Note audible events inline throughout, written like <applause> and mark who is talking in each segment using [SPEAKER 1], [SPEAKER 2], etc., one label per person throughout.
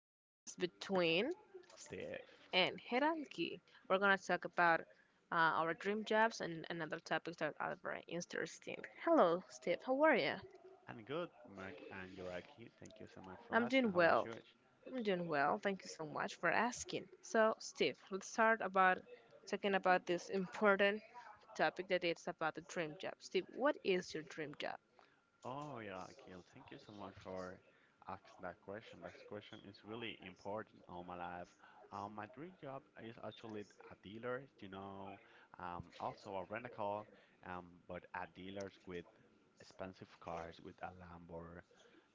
[SPEAKER 1] podcast Between
[SPEAKER 2] Steve.
[SPEAKER 1] and Hierarchy. We're gonna talk about our dream jobs and other topics that are very interesting. Hello, Steve. How are you?
[SPEAKER 2] I'm good, Mark and Yoraki. Thank you so much for
[SPEAKER 1] I'm doing
[SPEAKER 2] asking. How about
[SPEAKER 1] well.
[SPEAKER 2] you?
[SPEAKER 1] I'm doing well. Thank you so much for asking. So, Steve, let's start about talking about this important topic that it's about the dream job. Steve, what is your dream job?
[SPEAKER 2] Oh yeah, Akil, thank you so much for asking that question. That question is really important on my life. My dream job is actually a dealer, you know, also a rent-a-car, but at dealers with expensive cars, with a Lambo,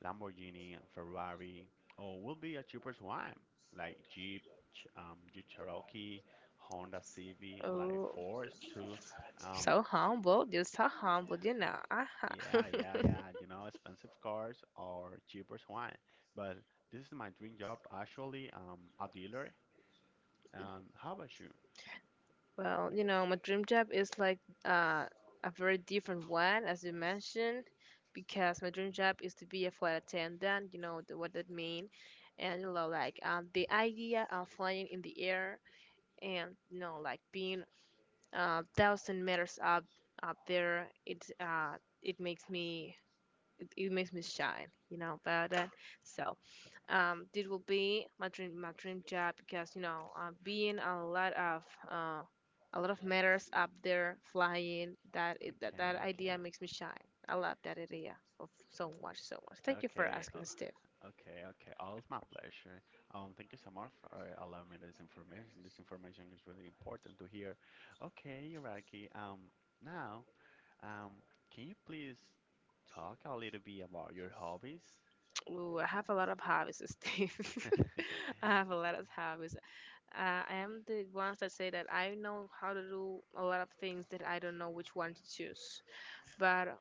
[SPEAKER 2] Lamborghini, Ferrari, or will be a cheaper one like Jeep, Jeep Cherokee, Honda CV, like
[SPEAKER 1] Oh,
[SPEAKER 2] Fords too. Um,
[SPEAKER 1] so humble. You're so humble. Uh-huh.
[SPEAKER 2] yeah, yeah, yeah.
[SPEAKER 1] <laughs>
[SPEAKER 2] You know, expensive cars or cheaper wine. But this is my dream job, actually. A dealer. How about you?
[SPEAKER 1] Well, my dream job is like uh, a very different one, as you mentioned, because my dream job is to be a flight attendant. You know th- what that mean, and like the idea of flying in the air, and like being thousand meters up there. It it makes me it makes me shine. You know about that. So this will be my dream job because being uh, a lot of matters up there flying that, that
[SPEAKER 2] Okay, okay,
[SPEAKER 1] idea makes me shy. I love that idea of so much. Thank you for
[SPEAKER 2] okay,
[SPEAKER 1] asking, Steve.
[SPEAKER 2] okay, okay. All is my pleasure. Thank you so much for allowing me this information. This information is really important to hear. Okay, Iraqi. Now, um, can you please talk a little bit about your hobbies?
[SPEAKER 1] Ooh, I have a lot of hobbies, Steve.
[SPEAKER 2] <laughs>
[SPEAKER 1] <laughs> I have a lot of hobbies. I am the ones that say that I know how to do a lot of things that I don't know which one to choose, but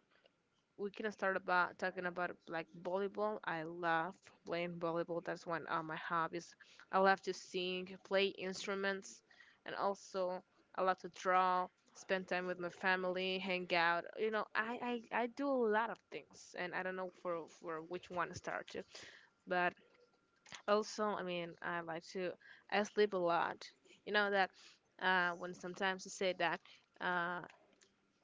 [SPEAKER 1] we can start about talking about like volleyball. I love playing volleyball. That's one of my hobbies. I love to sing, play instruments, and also I love to draw, spend time with my family, hang out. I do a lot of things, and I don't know for which one to start to. But also, I mean, I like to I sleep a lot. You know that when sometimes you say that. Uh,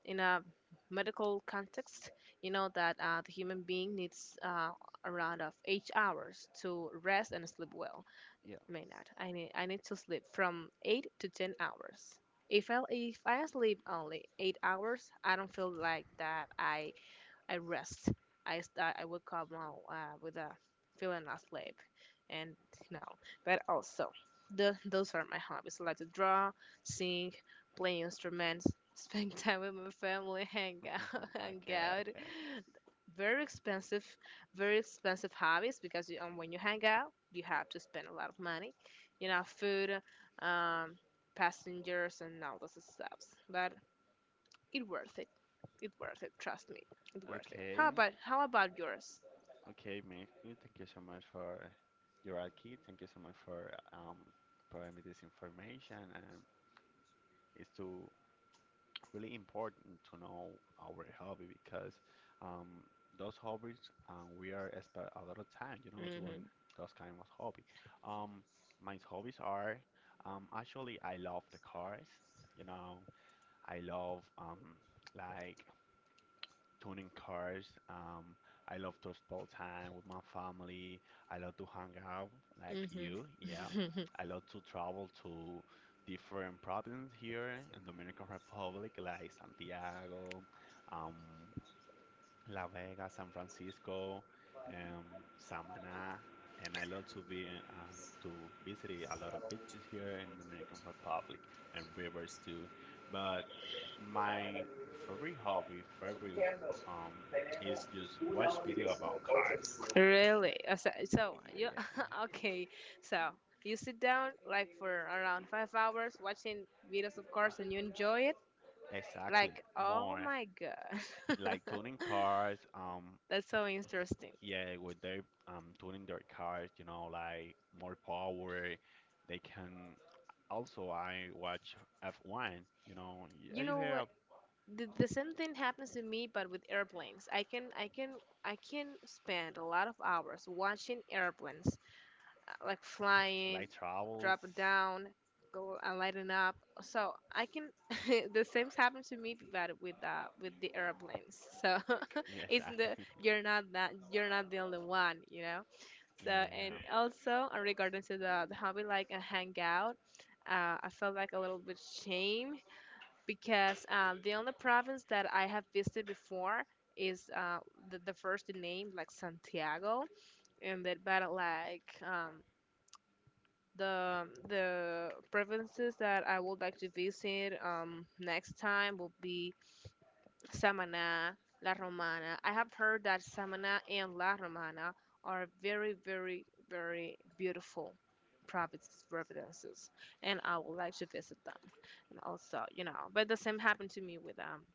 [SPEAKER 1] in a medical context, you know that the human being needs around of 8 hours to rest and sleep well.
[SPEAKER 2] Yeah.
[SPEAKER 1] May not. I need to sleep from 8 to 10 hours. If I sleep only 8 hours, I don't feel like that I rest. I start. I wake up now with a feeling asleep, and you know. But also, those are my hobbies. I like to draw, sing, play instruments, <laughs> spend time with my family, <laughs>
[SPEAKER 2] <laughs>
[SPEAKER 1] hang
[SPEAKER 2] Okay,
[SPEAKER 1] out.
[SPEAKER 2] okay.
[SPEAKER 1] Very expensive, very expensive hobbies because you, when you hang out, you have to spend a lot of money. You know, food, um, passengers, and all those stuff. But it worth it. It worth it. Trust me. It worth it. How
[SPEAKER 2] Okay,
[SPEAKER 1] about how about yours?
[SPEAKER 2] Okay, Matthew, thank you so much for your key. Thank you so much for providing me this information. It's too really important to know our hobby because um, those hobbies we are spend a lot of time, you know,
[SPEAKER 1] Mm-hmm.
[SPEAKER 2] doing those kind of hobby. Um, my hobbies are actually I love the cars, you know, I love like tuning cars. I love to spend time with my family. I love to hang out like you. Yeah.
[SPEAKER 1] Mm-hmm.
[SPEAKER 2] I love to travel to different provinces here in Dominican Republic, like Santiago, um, La Vega, San Francisco, Samana, and I love to be to visit a lot of beaches here in Dominican Republic and rivers too. But my favorite hobby, favorite um, is just watch video about cars.
[SPEAKER 1] <laughs> Really? So
[SPEAKER 2] Yeah,
[SPEAKER 1] you
[SPEAKER 2] yeah,
[SPEAKER 1] <laughs> okay? So you sit down like for around 5 hours watching videos, of course, and you enjoy it.
[SPEAKER 2] exactly.
[SPEAKER 1] Like, oh
[SPEAKER 2] More
[SPEAKER 1] my god. <laughs>
[SPEAKER 2] like tuning cars,
[SPEAKER 1] That's so interesting.
[SPEAKER 2] yeah, with they tuning their cars, you know, like more power, they can. Also, I watch F1. You know,
[SPEAKER 1] You
[SPEAKER 2] you
[SPEAKER 1] know
[SPEAKER 2] hear
[SPEAKER 1] what?
[SPEAKER 2] of
[SPEAKER 1] The same thing happens to me, but with airplanes. I can spend a lot of hours watching airplanes, like flying,
[SPEAKER 2] light
[SPEAKER 1] drop it
[SPEAKER 2] travels.
[SPEAKER 1] down, go and lighten up. So I can <laughs> the same happened to me but with the airplanes. So
[SPEAKER 2] Yeah,
[SPEAKER 1] <laughs> it's
[SPEAKER 2] exactly.
[SPEAKER 1] the
[SPEAKER 2] <laughs>
[SPEAKER 1] you're not that you're not the only one, you know.
[SPEAKER 2] Yeah,
[SPEAKER 1] So and
[SPEAKER 2] yeah.
[SPEAKER 1] also regarding to the hobby like a hangout, I felt like a little bit shame because the only province that I have visited before is the first name like Santiago and that but like the provinces that I would like to visit next time will be Samana, La Romana. I have heard that Samana and La Romana are very very very beautiful provinces, and I would like to visit them. And also, you know, but the same happened to me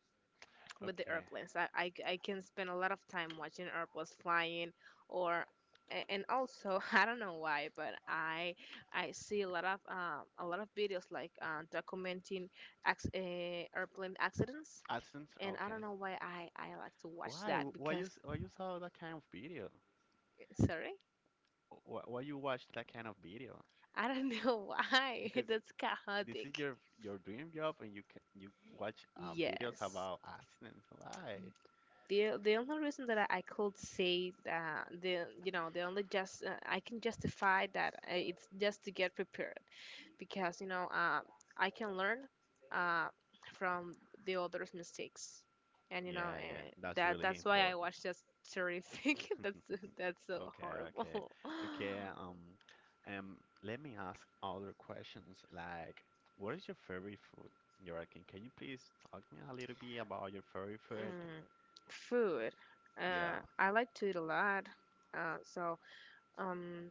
[SPEAKER 1] with the
[SPEAKER 2] Okay.
[SPEAKER 1] airplanes. I can spend a lot of time watching airplanes flying or and also <laughs> I don't know why, but I see a lot of videos like documenting airplane accidents,
[SPEAKER 2] AdSense.
[SPEAKER 1] and I don't
[SPEAKER 2] Okay.
[SPEAKER 1] know why I like to watch
[SPEAKER 2] Why?
[SPEAKER 1] that
[SPEAKER 2] Why you?
[SPEAKER 1] because
[SPEAKER 2] Why you saw that kind of video?
[SPEAKER 1] sorry,
[SPEAKER 2] Why you watch that kind of video?
[SPEAKER 1] I don't <laughs> know why
[SPEAKER 2] Because
[SPEAKER 1] <laughs> that's
[SPEAKER 2] this is
[SPEAKER 1] chaotic.
[SPEAKER 2] your dream job, and you watch videos
[SPEAKER 1] Yes.
[SPEAKER 2] about accidents. Why?
[SPEAKER 1] The only reason that I could say that the you know the only just I can justify that it's just to get prepared because I can learn uh, from the other's mistakes. And
[SPEAKER 2] Yeah, yeah. That's
[SPEAKER 1] that
[SPEAKER 2] really
[SPEAKER 1] that's why I
[SPEAKER 2] important.
[SPEAKER 1] watch just terrific <laughs>
[SPEAKER 2] <laughs>
[SPEAKER 1] that's so
[SPEAKER 2] Okay, okay,
[SPEAKER 1] horrible.
[SPEAKER 2] okay.
[SPEAKER 1] <laughs>
[SPEAKER 2] Um, Let me ask other questions. Like, what is your favorite food, Joaquin? Can you please talk me a little bit about your favorite food?
[SPEAKER 1] Mm, food,
[SPEAKER 2] Yeah,
[SPEAKER 1] I like to eat a lot. So um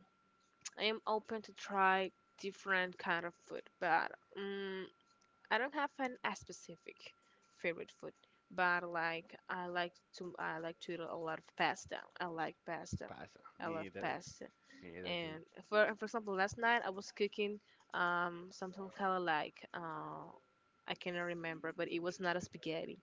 [SPEAKER 1] I am open to try different kind of food, but um, I don't have an a specific favorite food. But like I like to eat a lot of pasta. I like pasta.
[SPEAKER 2] pasta.
[SPEAKER 1] I
[SPEAKER 2] Me
[SPEAKER 1] love
[SPEAKER 2] either.
[SPEAKER 1] pasta.
[SPEAKER 2] Me either, dude.
[SPEAKER 1] And for example, last night I was cooking something kind of like I cannot remember, but it was not a spaghetti,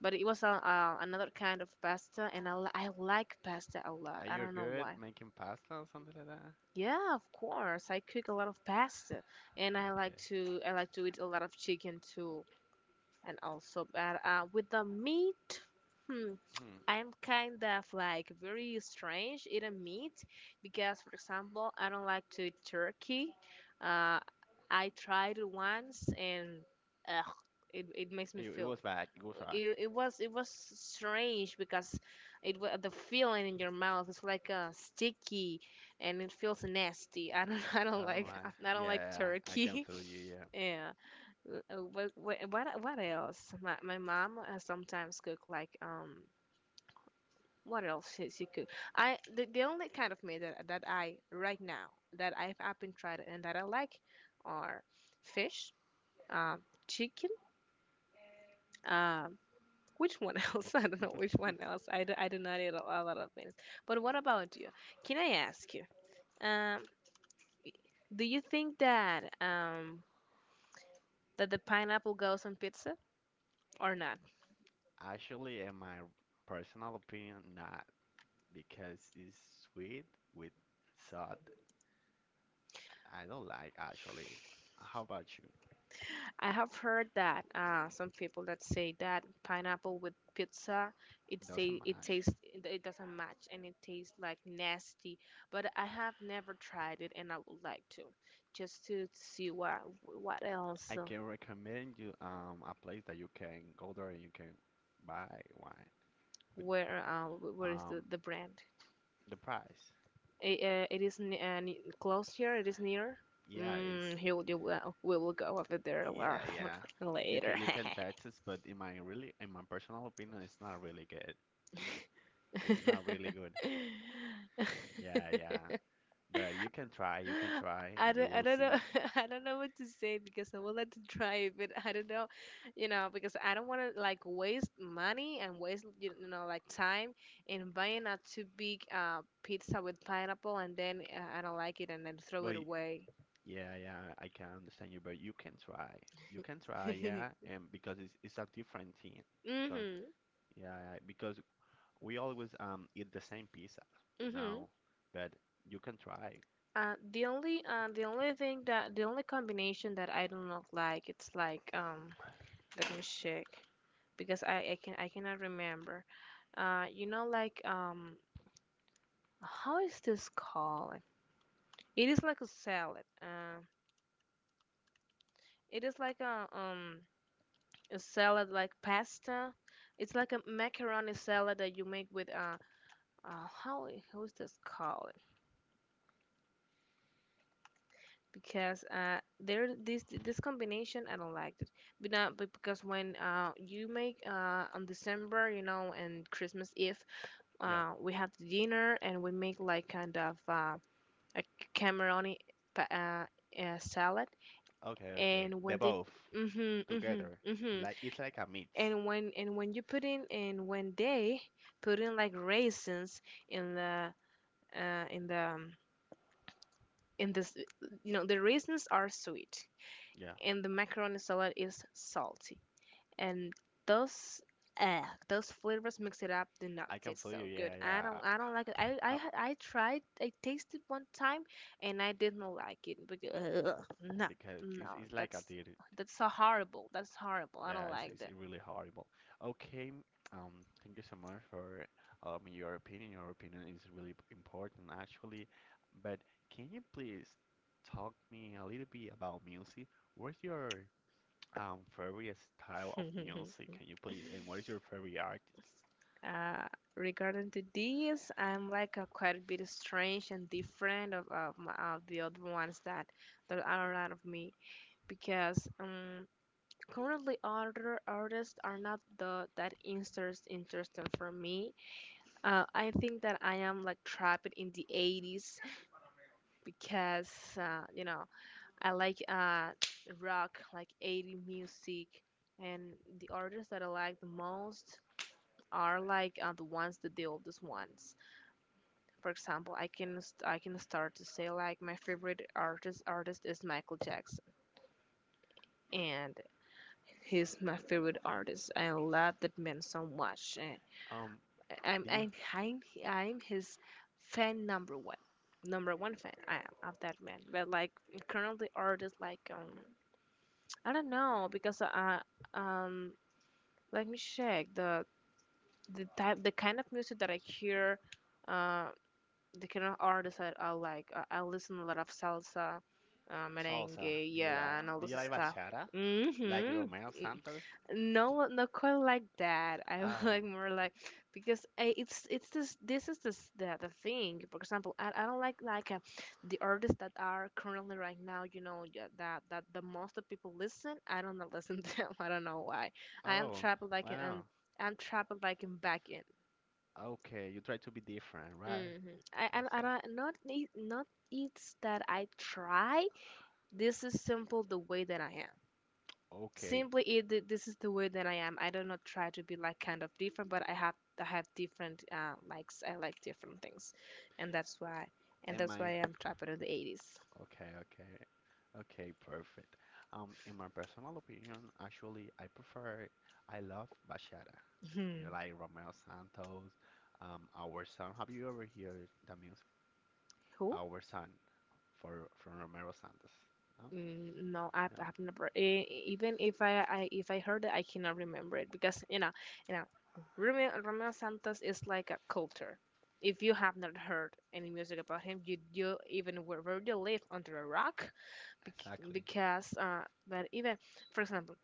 [SPEAKER 1] but it was a, another kind of pasta, and I like pasta a lot.
[SPEAKER 2] Are
[SPEAKER 1] I
[SPEAKER 2] you
[SPEAKER 1] don't know
[SPEAKER 2] good
[SPEAKER 1] why.
[SPEAKER 2] making pasta or something like that?
[SPEAKER 1] Yeah, of course. I cook a lot of pasta, and I like
[SPEAKER 2] Okay.
[SPEAKER 1] to I like to eat a lot of chicken too, and also but with the meat, hmm,
[SPEAKER 2] Hmm.
[SPEAKER 1] I'm kind of like very strange eating meat because, for example, I don't like to eat turkey. Uh, I tried it once, and ugh, it makes me
[SPEAKER 2] It
[SPEAKER 1] feel
[SPEAKER 2] was bad. It was bad.
[SPEAKER 1] it was strange because the feeling in your mouth is like sticky and it feels nasty. I don't <laughs> I don't
[SPEAKER 2] Oh
[SPEAKER 1] like
[SPEAKER 2] my.
[SPEAKER 1] <laughs> I don't like
[SPEAKER 2] Yeah, I can
[SPEAKER 1] turkey. <laughs>
[SPEAKER 2] feel you. Yeah.
[SPEAKER 1] Yeah. What else? My mom sometimes cook like what else she cook? I the only kind of meat that that I right now that I've been tried and that I like are fish, um, chicken, um which one <laughs> else? I don't know which one else. I do not eat a lot of things. But what about you? Can I ask you? Um, do you think that that the pineapple goes on pizza or not?
[SPEAKER 2] Actually, in my personal opinion, not because it's sweet with salt. I don't like actually. How about you?
[SPEAKER 1] I have heard that some people that say that pineapple with pizza it
[SPEAKER 2] Doesn't
[SPEAKER 1] say it
[SPEAKER 2] match.
[SPEAKER 1] tastes it it doesn't match and it tastes like nasty. But I have never tried it and I would like to just to see what else.
[SPEAKER 2] I can recommend you a place that you can go there and you can buy wine with
[SPEAKER 1] Where where is
[SPEAKER 2] um
[SPEAKER 1] the brand?
[SPEAKER 2] the price.
[SPEAKER 1] It, it is close here. It is near.
[SPEAKER 2] Yeah, it's
[SPEAKER 1] Mm, he will, you will- we will go over there
[SPEAKER 2] yeah, yeah.
[SPEAKER 1] <laughs>
[SPEAKER 2] You can
[SPEAKER 1] later.
[SPEAKER 2] you can tax it, but in my really in my personal opinion, it's not really good. It's not really good. Yeah, yeah.
[SPEAKER 1] <laughs>
[SPEAKER 2] But
[SPEAKER 1] <laughs>
[SPEAKER 2] you
[SPEAKER 1] <laughs>
[SPEAKER 2] can try, and you
[SPEAKER 1] I
[SPEAKER 2] will
[SPEAKER 1] don't know
[SPEAKER 2] see.
[SPEAKER 1] <laughs> I don't know what to say because I would like to try it, but I don't know, you know, because I don't want to like waste money and waste you you know like time in buying a too big pizza with pineapple and then I don't like it and then throw
[SPEAKER 2] But
[SPEAKER 1] it away.
[SPEAKER 2] yeah, yeah, I can understand you, but you can try. You can try,
[SPEAKER 1] <laughs>
[SPEAKER 2] yeah, and because it's a different thing. Because
[SPEAKER 1] Mhm,
[SPEAKER 2] yeah, yeah, because we always eat the same pizza, you
[SPEAKER 1] mhm.
[SPEAKER 2] know. But you can try.
[SPEAKER 1] The only thing that the only combination that I do not like it's like let me check, because I cannot remember. You know, like how is this called? It is like a salad. It is like a salad like pasta. It's like a macaroni salad that you make with how how is this called? Because there this combination I don't like it. But not but because when you make on December you know and Christmas Eve
[SPEAKER 2] Yeah.
[SPEAKER 1] we have the dinner and we make like kind of a camaroni pa- salad,
[SPEAKER 2] Okay, okay.
[SPEAKER 1] and
[SPEAKER 2] They
[SPEAKER 1] when they
[SPEAKER 2] both
[SPEAKER 1] mhm mhm
[SPEAKER 2] together.
[SPEAKER 1] mhm
[SPEAKER 2] Like it's like a mix.
[SPEAKER 1] and when you put in and when they put in like raisins in the in the in this, you know, the raisins are sweet
[SPEAKER 2] Yeah.
[SPEAKER 1] and the macaroni salad is salty and those uh, those flavors mix it up do not
[SPEAKER 2] I can
[SPEAKER 1] taste
[SPEAKER 2] feel
[SPEAKER 1] so
[SPEAKER 2] you,
[SPEAKER 1] good.
[SPEAKER 2] yeah, yeah.
[SPEAKER 1] I don't like it. I tasted one time and I did not like it because ugh, no,
[SPEAKER 2] Because it's
[SPEAKER 1] no
[SPEAKER 2] it's like I
[SPEAKER 1] that's
[SPEAKER 2] did it.
[SPEAKER 1] that's so horrible. That's horrible. I
[SPEAKER 2] Yeah,
[SPEAKER 1] don't
[SPEAKER 2] it's,
[SPEAKER 1] like
[SPEAKER 2] it's
[SPEAKER 1] that.
[SPEAKER 2] really horrible. Okay, thank you so much for allowing me your opinion. Your opinion is really important, actually. But can you please talk me a little bit about music? What's your favorite style of music? Can
[SPEAKER 1] <laughs>
[SPEAKER 2] you please? And what is your favorite artist?
[SPEAKER 1] uh, regarding to these, I'm like a quite a bit strange and different of the other ones that that are around of me because currently, other artists are not the that interesting for me. I think that I am like trapped in the 80s because you know I like rock, like 80 music, and the artists that I like the most are like the ones that the oldest ones. For example, I can start to say like my favorite artist is Michael Jackson, and he's my favorite artist. I love that man so much.
[SPEAKER 2] Um,
[SPEAKER 1] I'm
[SPEAKER 2] do you
[SPEAKER 1] I'm I'm I'm his fan number one fan. I am of that man. But like currently art is like I don't know because um let me check the kind of music that I hear, uh the kind of artists that I like. I listen a lot of salsa,
[SPEAKER 2] salsa?
[SPEAKER 1] merengue,
[SPEAKER 2] Do you like?
[SPEAKER 1] yeah, and all
[SPEAKER 2] Do you
[SPEAKER 1] this
[SPEAKER 2] like
[SPEAKER 1] stuff.
[SPEAKER 2] bachata? Like
[SPEAKER 1] Mhm.
[SPEAKER 2] Romeo Santos?
[SPEAKER 1] No, not quite like that. <laughs> I'm
[SPEAKER 2] Oh,
[SPEAKER 1] like more like because it's this this is this the thing. For example, I don't like the artists that are currently right now. You know, yeah, that the most of people listen. I don't know, <laughs> listen to them. <laughs> I don't know why. I am
[SPEAKER 2] oh,
[SPEAKER 1] trapped like
[SPEAKER 2] why
[SPEAKER 1] in
[SPEAKER 2] not?
[SPEAKER 1] I'm trapped like in back end.
[SPEAKER 2] Okay, you try to be different, right?
[SPEAKER 1] Mm-hmm. I
[SPEAKER 2] Exactly.
[SPEAKER 1] don't not it- not it's that I try. This is simple the way that I am
[SPEAKER 2] Okay.
[SPEAKER 1] simply it th- this is the way that I am. I do not try to be like kind of different, but I have different likes. I like different things, and that's why
[SPEAKER 2] In my
[SPEAKER 1] I'm trapped in the 80s.
[SPEAKER 2] Okay, okay, okay, perfect. In my personal opinion, actually, I love bachata. You know,
[SPEAKER 1] Hmm.
[SPEAKER 2] like Romeo Santos, Our Son. Have you ever heard the music?
[SPEAKER 1] Who?
[SPEAKER 2] Our Son, for from Romero Santos. No,
[SPEAKER 1] Mm, no, I
[SPEAKER 2] no,
[SPEAKER 1] I've never. E- e- Even if I, I if I heard it, I cannot remember it because you know Romeo Santos is like a culture. If you have not heard any music about him, you even wherever you live under a rock, bec-
[SPEAKER 2] exactly,
[SPEAKER 1] because but even for example,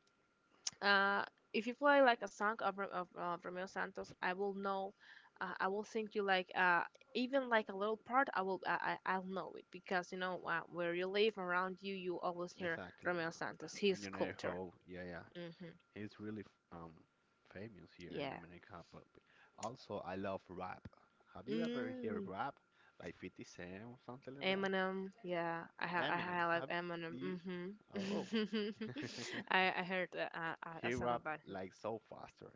[SPEAKER 1] uh, if you play like a song of, Ro- of Romeo Santos, I will know. I will sing you like even like a little part. I will I- I'll know it because you know, where you live around you, you always hear
[SPEAKER 2] exactly.
[SPEAKER 1] Romeo Santos.
[SPEAKER 2] And
[SPEAKER 1] His
[SPEAKER 2] you know
[SPEAKER 1] culture.
[SPEAKER 2] how, yeah, yeah,
[SPEAKER 1] Mm-hmm.
[SPEAKER 2] he's really famous here in
[SPEAKER 1] Yeah.
[SPEAKER 2] Dominican Republic. Also, I love rap. Have you ever heard
[SPEAKER 1] Mm.
[SPEAKER 2] rap? Like 50 Cent or something like that?
[SPEAKER 1] Eminem, yeah, I ha- I ha-
[SPEAKER 2] Eminem,
[SPEAKER 1] I
[SPEAKER 2] have
[SPEAKER 1] like Eminem.
[SPEAKER 2] the oh, <laughs>
[SPEAKER 1] Mm-hmm. <laughs> I heard a
[SPEAKER 2] he
[SPEAKER 1] song
[SPEAKER 2] rap
[SPEAKER 1] about him.
[SPEAKER 2] like so faster.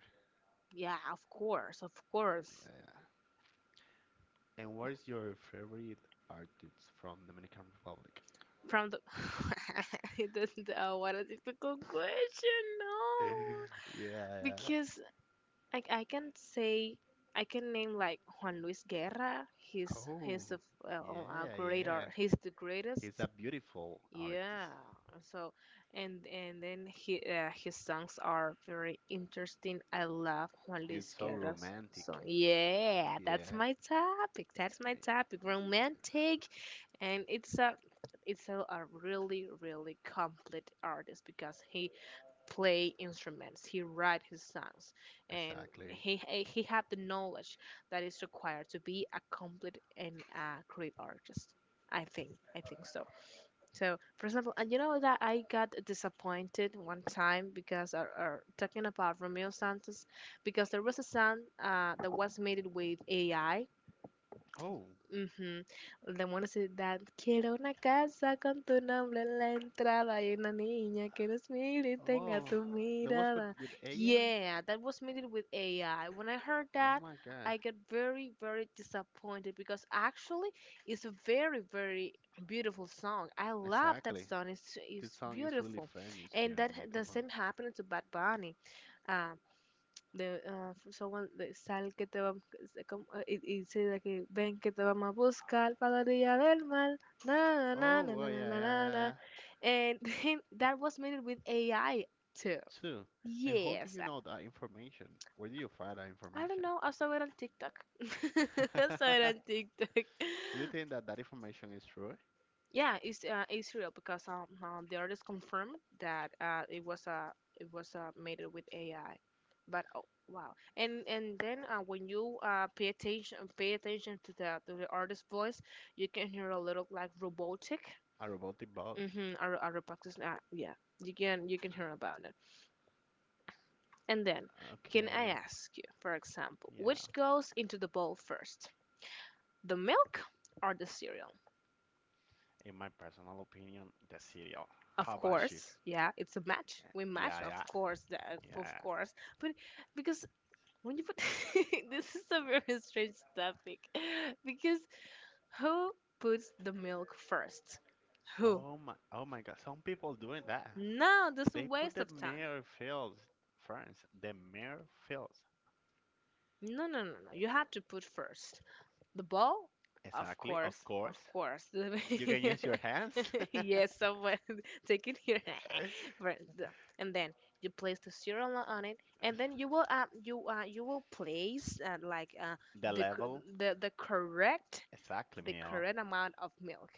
[SPEAKER 1] Yeah, of course, of course.
[SPEAKER 2] Yeah. And what is your favorite artist from Dominican Republic?
[SPEAKER 1] From the <laughs> That's the- oh, what a difficult question. No,
[SPEAKER 2] <laughs> Yeah, yeah.
[SPEAKER 1] because I can say I can name like Juan Luis Guerra. He's
[SPEAKER 2] Oh,
[SPEAKER 1] a, f- a
[SPEAKER 2] yeah,
[SPEAKER 1] great
[SPEAKER 2] yeah.
[SPEAKER 1] art. He's the
[SPEAKER 2] He's
[SPEAKER 1] greatest.
[SPEAKER 2] a beautiful
[SPEAKER 1] Yeah.
[SPEAKER 2] artist.
[SPEAKER 1] So, and then he, his songs are very interesting. I love Juan
[SPEAKER 2] He's
[SPEAKER 1] Luis
[SPEAKER 2] so
[SPEAKER 1] Guerra's
[SPEAKER 2] romantic.
[SPEAKER 1] song. Yeah, that's
[SPEAKER 2] Yeah,
[SPEAKER 1] my topic. That's my topic. Romantic, and it's a really really complete artist because he play instruments, he write his songs, and
[SPEAKER 2] exactly.
[SPEAKER 1] he had the knowledge that is required to be a complete and great artist. I think I think so. So, for example, and you know that I got disappointed one time because talking about Romeo Santos, because there was a song that was made with AI.
[SPEAKER 2] Oh,
[SPEAKER 1] Ujú. The one quiero una casa con tu nombre en la entrada y una niña que nos mire y tenga
[SPEAKER 2] oh,
[SPEAKER 1] tu
[SPEAKER 2] that was with
[SPEAKER 1] mirada.
[SPEAKER 2] with AI.
[SPEAKER 1] Yeah, that was made with AI. When I heard
[SPEAKER 2] Oh
[SPEAKER 1] that,
[SPEAKER 2] my God.
[SPEAKER 1] I got very, very disappointed because actually it's a very, very beautiful song. I love that
[SPEAKER 2] Exactly.
[SPEAKER 1] song.
[SPEAKER 2] This
[SPEAKER 1] It's
[SPEAKER 2] song is really
[SPEAKER 1] beautiful.
[SPEAKER 2] famous here
[SPEAKER 1] And
[SPEAKER 2] in
[SPEAKER 1] that
[SPEAKER 2] Dominican
[SPEAKER 1] the same
[SPEAKER 2] Republic.
[SPEAKER 1] happened to Bad Bunny. Uh, de ah, someone de sal que te va se com- ah, y, y dice de que ven que te vamos a buscar para la orilla del mar na na
[SPEAKER 2] Oh,
[SPEAKER 1] na na
[SPEAKER 2] well,
[SPEAKER 1] na
[SPEAKER 2] yeah,
[SPEAKER 1] na
[SPEAKER 2] yeah,
[SPEAKER 1] na
[SPEAKER 2] yeah,
[SPEAKER 1] na."
[SPEAKER 2] yeah.
[SPEAKER 1] And then <laughs> that was made with AI too.
[SPEAKER 2] Two. And how do
[SPEAKER 1] Yes.
[SPEAKER 2] you know that information? Where do you find that
[SPEAKER 1] I don't
[SPEAKER 2] information?
[SPEAKER 1] know, I saw it on TikTok. <laughs> I saw it on
[SPEAKER 2] <laughs>
[SPEAKER 1] TikTok.
[SPEAKER 2] Do you think that that information is true?
[SPEAKER 1] Yeah, it's real because the artist confirmed that it was made with AI. But oh, wow! And then when you pay attention to the artist's voice, you can hear a little like robotic.
[SPEAKER 2] A robotic boss?
[SPEAKER 1] Mm-hmm. Or robotics, yeah, you can hear about it. And then, can I
[SPEAKER 2] Okay,
[SPEAKER 1] ask you, for example,
[SPEAKER 2] yeah.
[SPEAKER 1] which goes into the bowl first, the milk or the cereal?
[SPEAKER 2] In my personal opinion, the cereal.
[SPEAKER 1] Of
[SPEAKER 2] How about you?
[SPEAKER 1] course, yeah, it's a match. We match,
[SPEAKER 2] Yeah,
[SPEAKER 1] of
[SPEAKER 2] yeah,
[SPEAKER 1] course, that of
[SPEAKER 2] yeah.
[SPEAKER 1] course. But because when you put <laughs> this is a very strange topic, <laughs> because who puts the milk first? Who?
[SPEAKER 2] Oh my, oh my God. Some people doing that.
[SPEAKER 1] No, that's a
[SPEAKER 2] They put
[SPEAKER 1] waste
[SPEAKER 2] the
[SPEAKER 1] of time.
[SPEAKER 2] mirror fields, friends. The mirror fields.
[SPEAKER 1] No, no, no, no. You have to put first. The ball? Of
[SPEAKER 2] Exactly, of
[SPEAKER 1] course,
[SPEAKER 2] course.
[SPEAKER 1] of course.
[SPEAKER 2] You can use your
[SPEAKER 1] <laughs>
[SPEAKER 2] hands. <laughs>
[SPEAKER 1] Yes, someone <laughs> taking your <laughs> Right, the- and then you place the cereal on it, and then you will you will place
[SPEAKER 2] The
[SPEAKER 1] the cor-
[SPEAKER 2] level.
[SPEAKER 1] the the correct
[SPEAKER 2] Exactly,
[SPEAKER 1] the
[SPEAKER 2] meal.
[SPEAKER 1] correct amount of milk.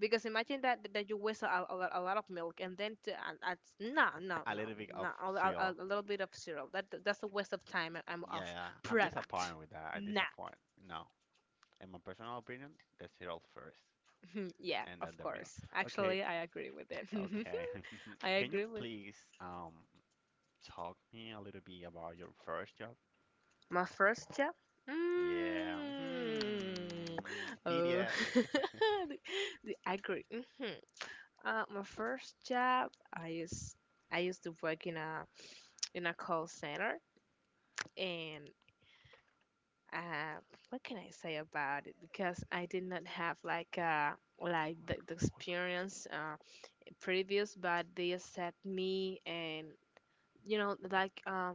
[SPEAKER 1] Because imagine that you waste lot, a lot of milk and then to and no no no
[SPEAKER 2] A little bit
[SPEAKER 1] no
[SPEAKER 2] of cereal.
[SPEAKER 1] a little bit of cereal that that's a waste of time and
[SPEAKER 2] Yeah,
[SPEAKER 1] of
[SPEAKER 2] yeah. I'm
[SPEAKER 1] product.
[SPEAKER 2] disappointed with that. I'm
[SPEAKER 1] Nah.
[SPEAKER 2] disappointed. No. In my personal opinion, the cereal first
[SPEAKER 1] <laughs> Hmm, yeah,
[SPEAKER 2] and then
[SPEAKER 1] of
[SPEAKER 2] the meal.
[SPEAKER 1] course.
[SPEAKER 2] Okay,
[SPEAKER 1] Actually, I agree with it. <laughs>
[SPEAKER 2] okay.
[SPEAKER 1] I
[SPEAKER 2] <laughs> Can you
[SPEAKER 1] agree with
[SPEAKER 2] please talk me a little bit about your first job?
[SPEAKER 1] my first job.
[SPEAKER 2] Yeah.
[SPEAKER 1] Mm.
[SPEAKER 2] Hmm.
[SPEAKER 1] Oh,
[SPEAKER 2] Pedia.
[SPEAKER 1] <laughs> the, the- I agree. Mhm. My first job, I used to work in a call center, and uh, what can I say about it? Because I did not have like the experience previous, but they accept me and. You know, like uh,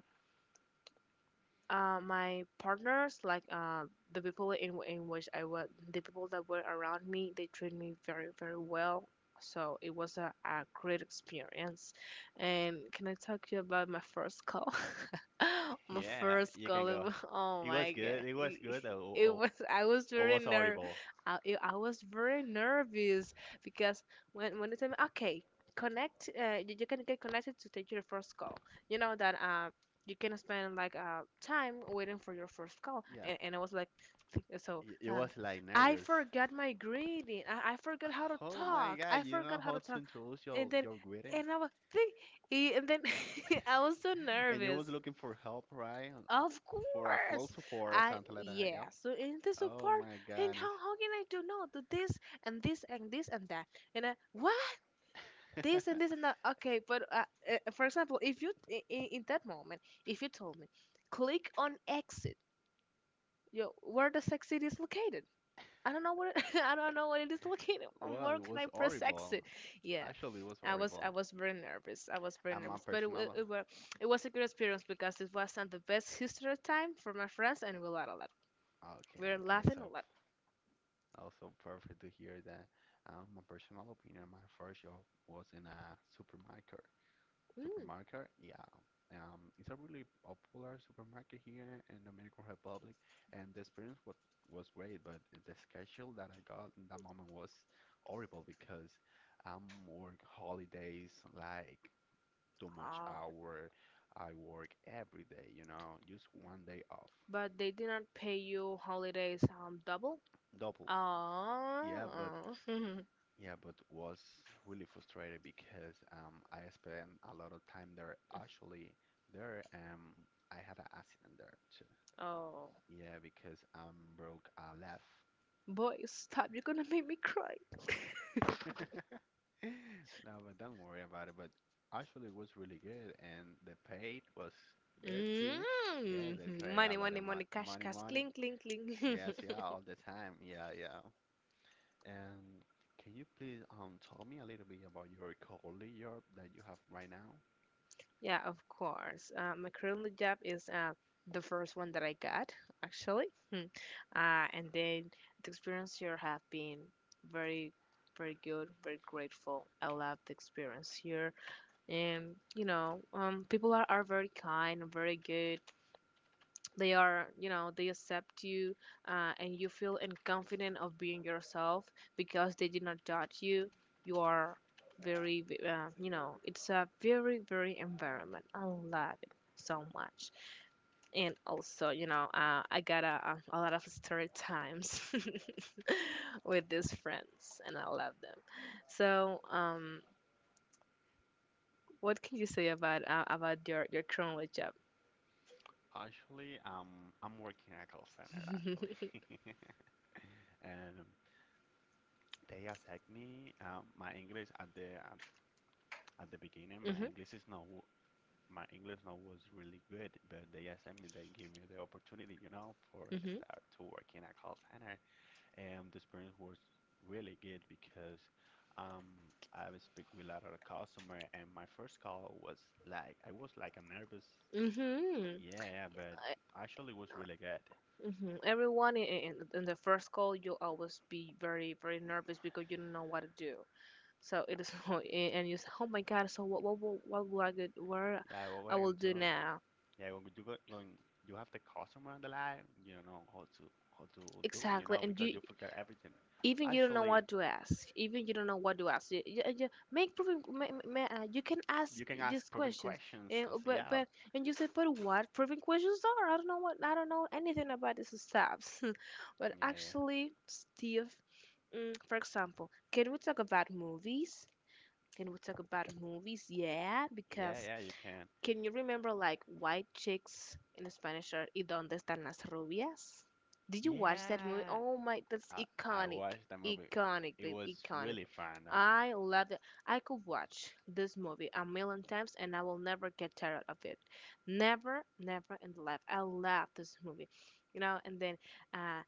[SPEAKER 1] uh, my partners, like the people in which I was, the people that were around me, they treated me very very well. So it was a great experience. And can I talk to you about my first call? <laughs> My
[SPEAKER 2] Yeah,
[SPEAKER 1] first
[SPEAKER 2] you can
[SPEAKER 1] call. It
[SPEAKER 2] go.
[SPEAKER 1] was, <laughs> oh
[SPEAKER 2] It was
[SPEAKER 1] my
[SPEAKER 2] good.
[SPEAKER 1] god.
[SPEAKER 2] It was
[SPEAKER 1] It
[SPEAKER 2] good.
[SPEAKER 1] it <laughs> was I was
[SPEAKER 2] I
[SPEAKER 1] very
[SPEAKER 2] was
[SPEAKER 1] ner.
[SPEAKER 2] horrible.
[SPEAKER 1] I, it- I was very nervous because when they tell me okay connect you can get connected to take your first call. You know that you can spend like time waiting for your first call,
[SPEAKER 2] Yeah.
[SPEAKER 1] and I was like th- so
[SPEAKER 2] It was like
[SPEAKER 1] I
[SPEAKER 2] nervous.
[SPEAKER 1] forgot my greeting. I forgot how to
[SPEAKER 2] Oh my
[SPEAKER 1] talk,
[SPEAKER 2] God,
[SPEAKER 1] I
[SPEAKER 2] you don't know
[SPEAKER 1] forgot how
[SPEAKER 2] how
[SPEAKER 1] to
[SPEAKER 2] to
[SPEAKER 1] talk,
[SPEAKER 2] introduce
[SPEAKER 1] and
[SPEAKER 2] your
[SPEAKER 1] then
[SPEAKER 2] greeting,
[SPEAKER 1] and I was think, and then <laughs> I was so
[SPEAKER 2] and you
[SPEAKER 1] nervous
[SPEAKER 2] was looking for help, right?
[SPEAKER 1] of
[SPEAKER 2] For a flow
[SPEAKER 1] course.
[SPEAKER 2] support or
[SPEAKER 1] I
[SPEAKER 2] something like that. Yep.
[SPEAKER 1] yeah. So in this
[SPEAKER 2] Oh
[SPEAKER 1] part,
[SPEAKER 2] my
[SPEAKER 1] and
[SPEAKER 2] goodness.
[SPEAKER 1] how can I do no do this and this and this and that? And I what? This and this
[SPEAKER 2] <laughs>
[SPEAKER 1] and that. Okay, but for example, if you in that moment, if you told me, click on exit, yo, where does exit is located? I don't know where. It, <laughs> I don't know where it is located. <laughs>
[SPEAKER 2] Well,
[SPEAKER 1] Where
[SPEAKER 2] it
[SPEAKER 1] can
[SPEAKER 2] was
[SPEAKER 1] I press
[SPEAKER 2] horrible.
[SPEAKER 1] exit? Yeah,
[SPEAKER 2] Actually, it was
[SPEAKER 1] I
[SPEAKER 2] horrible.
[SPEAKER 1] was very nervous. I was very
[SPEAKER 2] I'm a
[SPEAKER 1] nervous, but it, wa-
[SPEAKER 2] personal.
[SPEAKER 1] it, wa- it was a good experience because it wasn't the best history time for my friends, and we laughed a lot.
[SPEAKER 2] Okay,
[SPEAKER 1] We were
[SPEAKER 2] okay.
[SPEAKER 1] laughing a
[SPEAKER 2] So
[SPEAKER 1] lot.
[SPEAKER 2] also perfect to hear that. My personal opinion, my first job was in a supermarket.
[SPEAKER 1] Mm.
[SPEAKER 2] Supermarket, yeah. It's a really popular supermarket here in the Dominican Republic, and the experience was great, but the schedule that I got in that moment was horrible because I work holidays like too much
[SPEAKER 1] Oh.
[SPEAKER 2] hour. I work every day, you know, just one day off,
[SPEAKER 1] But they did not pay you holidays double.
[SPEAKER 2] double. Yeah, but
[SPEAKER 1] Oh. <laughs>
[SPEAKER 2] Yeah, but was really frustrated because I spent a lot of time there. Actually, there I had an accident there too.
[SPEAKER 1] Oh.
[SPEAKER 2] Yeah, because I'm broke a left.
[SPEAKER 1] Boy, stop. You're gonna make me cry.
[SPEAKER 2] <laughs> No, but don't worry about it. But actually, it was really good, and the pay was good too. Yeah,
[SPEAKER 1] Mm.
[SPEAKER 2] they pay a
[SPEAKER 1] Money,
[SPEAKER 2] lot
[SPEAKER 1] money,
[SPEAKER 2] of
[SPEAKER 1] money, cash,
[SPEAKER 2] money,
[SPEAKER 1] cash,
[SPEAKER 2] money.
[SPEAKER 1] cling, cling, cling. <laughs>
[SPEAKER 2] Yes, yeah, all the time. Yeah, yeah. And can you please tell me a little bit about your colleague job that you have right now?
[SPEAKER 1] Yeah, of course. My current job is the first one that I got, actually. Hmm. And then the experience here have been very, very good, very grateful. I love the experience here. And, you know, people are very kind and very good. They are, you know, they accept you, and you feel and confident of being yourself because they did not judge you. You are very v- you know it's a very very environment, I love it so much. And also, you know, I got a, a lot of story times <laughs> with these friends and I love them. So um, what can you say about your current job?
[SPEAKER 2] Actually, I'm working at a call center
[SPEAKER 1] <laughs>
[SPEAKER 2] actually, <laughs> and they asked me my English at the at the beginning. My
[SPEAKER 1] Hmm.
[SPEAKER 2] English is not w- my English not was really good, but they give me the opportunity, you know, for a
[SPEAKER 1] Hmm.
[SPEAKER 2] start to work in a call center, and the experience was really good because I was speak with a lot of customer, and my first call was like a nervous,
[SPEAKER 1] Hmm.
[SPEAKER 2] yeah, yeah, but actually it was really good.
[SPEAKER 1] Hmm. Everyone in the first call, you'll always be very, very nervous because you don't know what to do. So it is, <laughs> and you say, "Oh my God! So what will I get? Where
[SPEAKER 2] Yeah, well, we're
[SPEAKER 1] I will
[SPEAKER 2] gonna
[SPEAKER 1] do
[SPEAKER 2] do
[SPEAKER 1] now?"
[SPEAKER 2] Yeah, when you have the customer on the line, you don't know how to do it, you
[SPEAKER 1] Exactly,
[SPEAKER 2] know,
[SPEAKER 1] and
[SPEAKER 2] because
[SPEAKER 1] you
[SPEAKER 2] you forget everything.
[SPEAKER 1] even you don't know
[SPEAKER 2] Actually,
[SPEAKER 1] what to ask, even you don't know what to ask, you make proving ma- ma- ma- you can ask
[SPEAKER 2] you can ask
[SPEAKER 1] these
[SPEAKER 2] probing
[SPEAKER 1] questions
[SPEAKER 2] questions.
[SPEAKER 1] and
[SPEAKER 2] I say, yeah,
[SPEAKER 1] but and you said but what proving questions are, I don't know what, I don't know anything about these stuff. <laughs> But
[SPEAKER 2] yeah,
[SPEAKER 1] actually steve, mm, for example, can we talk about movies, yeah,
[SPEAKER 2] yeah,
[SPEAKER 1] because
[SPEAKER 2] yeah, yeah, you can.
[SPEAKER 1] can you remember like white chicks in Spanish are y dónde están las rubias? Did you watch that movie?
[SPEAKER 2] Yeah,
[SPEAKER 1] Oh my, that's
[SPEAKER 2] I, I
[SPEAKER 1] iconic,
[SPEAKER 2] watched the movie.
[SPEAKER 1] iconic,
[SPEAKER 2] It
[SPEAKER 1] babe,
[SPEAKER 2] was
[SPEAKER 1] iconic.
[SPEAKER 2] really fun.
[SPEAKER 1] I love it. I could watch this movie a million times and I will never get tired of it. Never, never in life. I love this movie, you know. And then, uh,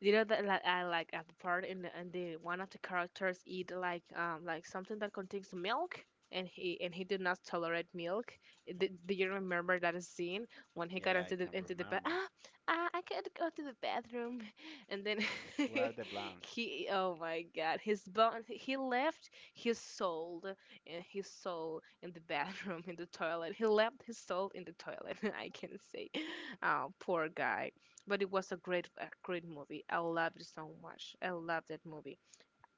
[SPEAKER 1] you know that like I like at the part in the and the one of the characters eat like something that contains milk and he did not tolerate milk. Did, do you remember that scene when he
[SPEAKER 2] Yeah,
[SPEAKER 1] got
[SPEAKER 2] yeah, I can
[SPEAKER 1] into the bath?
[SPEAKER 2] remember.
[SPEAKER 1] Ah, I can't go to the bathroom, and then <laughs>
[SPEAKER 2] Where are the blondes?
[SPEAKER 1] he, oh my god, his bone, he left his soul and his soul in the bathroom, <laughs> in the toilet. He left his soul in the toilet. <laughs> I can say, oh poor guy, but it was a great movie. I loved it so much. I loved that movie.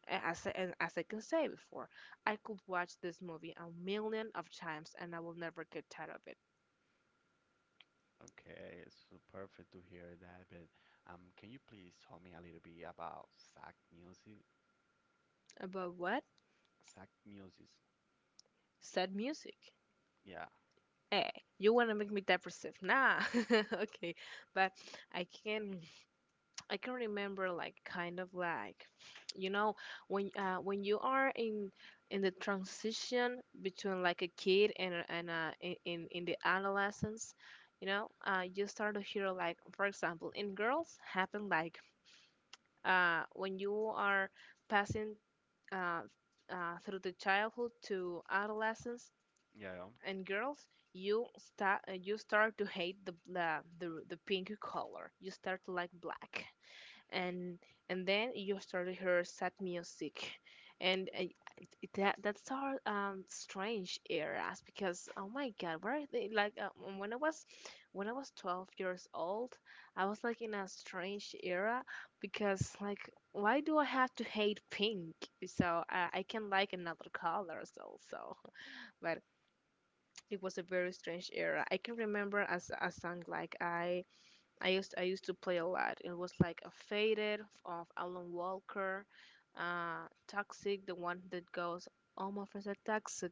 [SPEAKER 1] And as I can say before, I could watch this movie a million of times and I will never get tired of it.
[SPEAKER 2] Okay, it's so perfect to hear that. But can you please tell me a little bit about Sack Music?
[SPEAKER 1] About what?
[SPEAKER 2] Sack Music.
[SPEAKER 1] Sad music.
[SPEAKER 2] Yeah,
[SPEAKER 1] Hey, you wanna make me depressive? Nah. <laughs> Okay, but I can I can remember like kind of like <sniffs> you know when you are in the transition between like a kid and in in the adolescence, you know, you start to hear like, for example in girls happen like, when you are passing uh, through the childhood to adolescence,
[SPEAKER 2] yeah,
[SPEAKER 1] and girls you start to hate the pink color, you start to like black, and and then you start to hear sad music. and uh, it- that's our strange eras, because oh my god, where are they, like when I was when I was 12 years old, I was like in a strange era, because like why do I have to hate pink? So I can like another colors also. <laughs> But it was a very strange era. I can remember a song like I used to play a lot. It was like a faded of Alan Walker, Toxic, the one that goes "all my friends are toxic,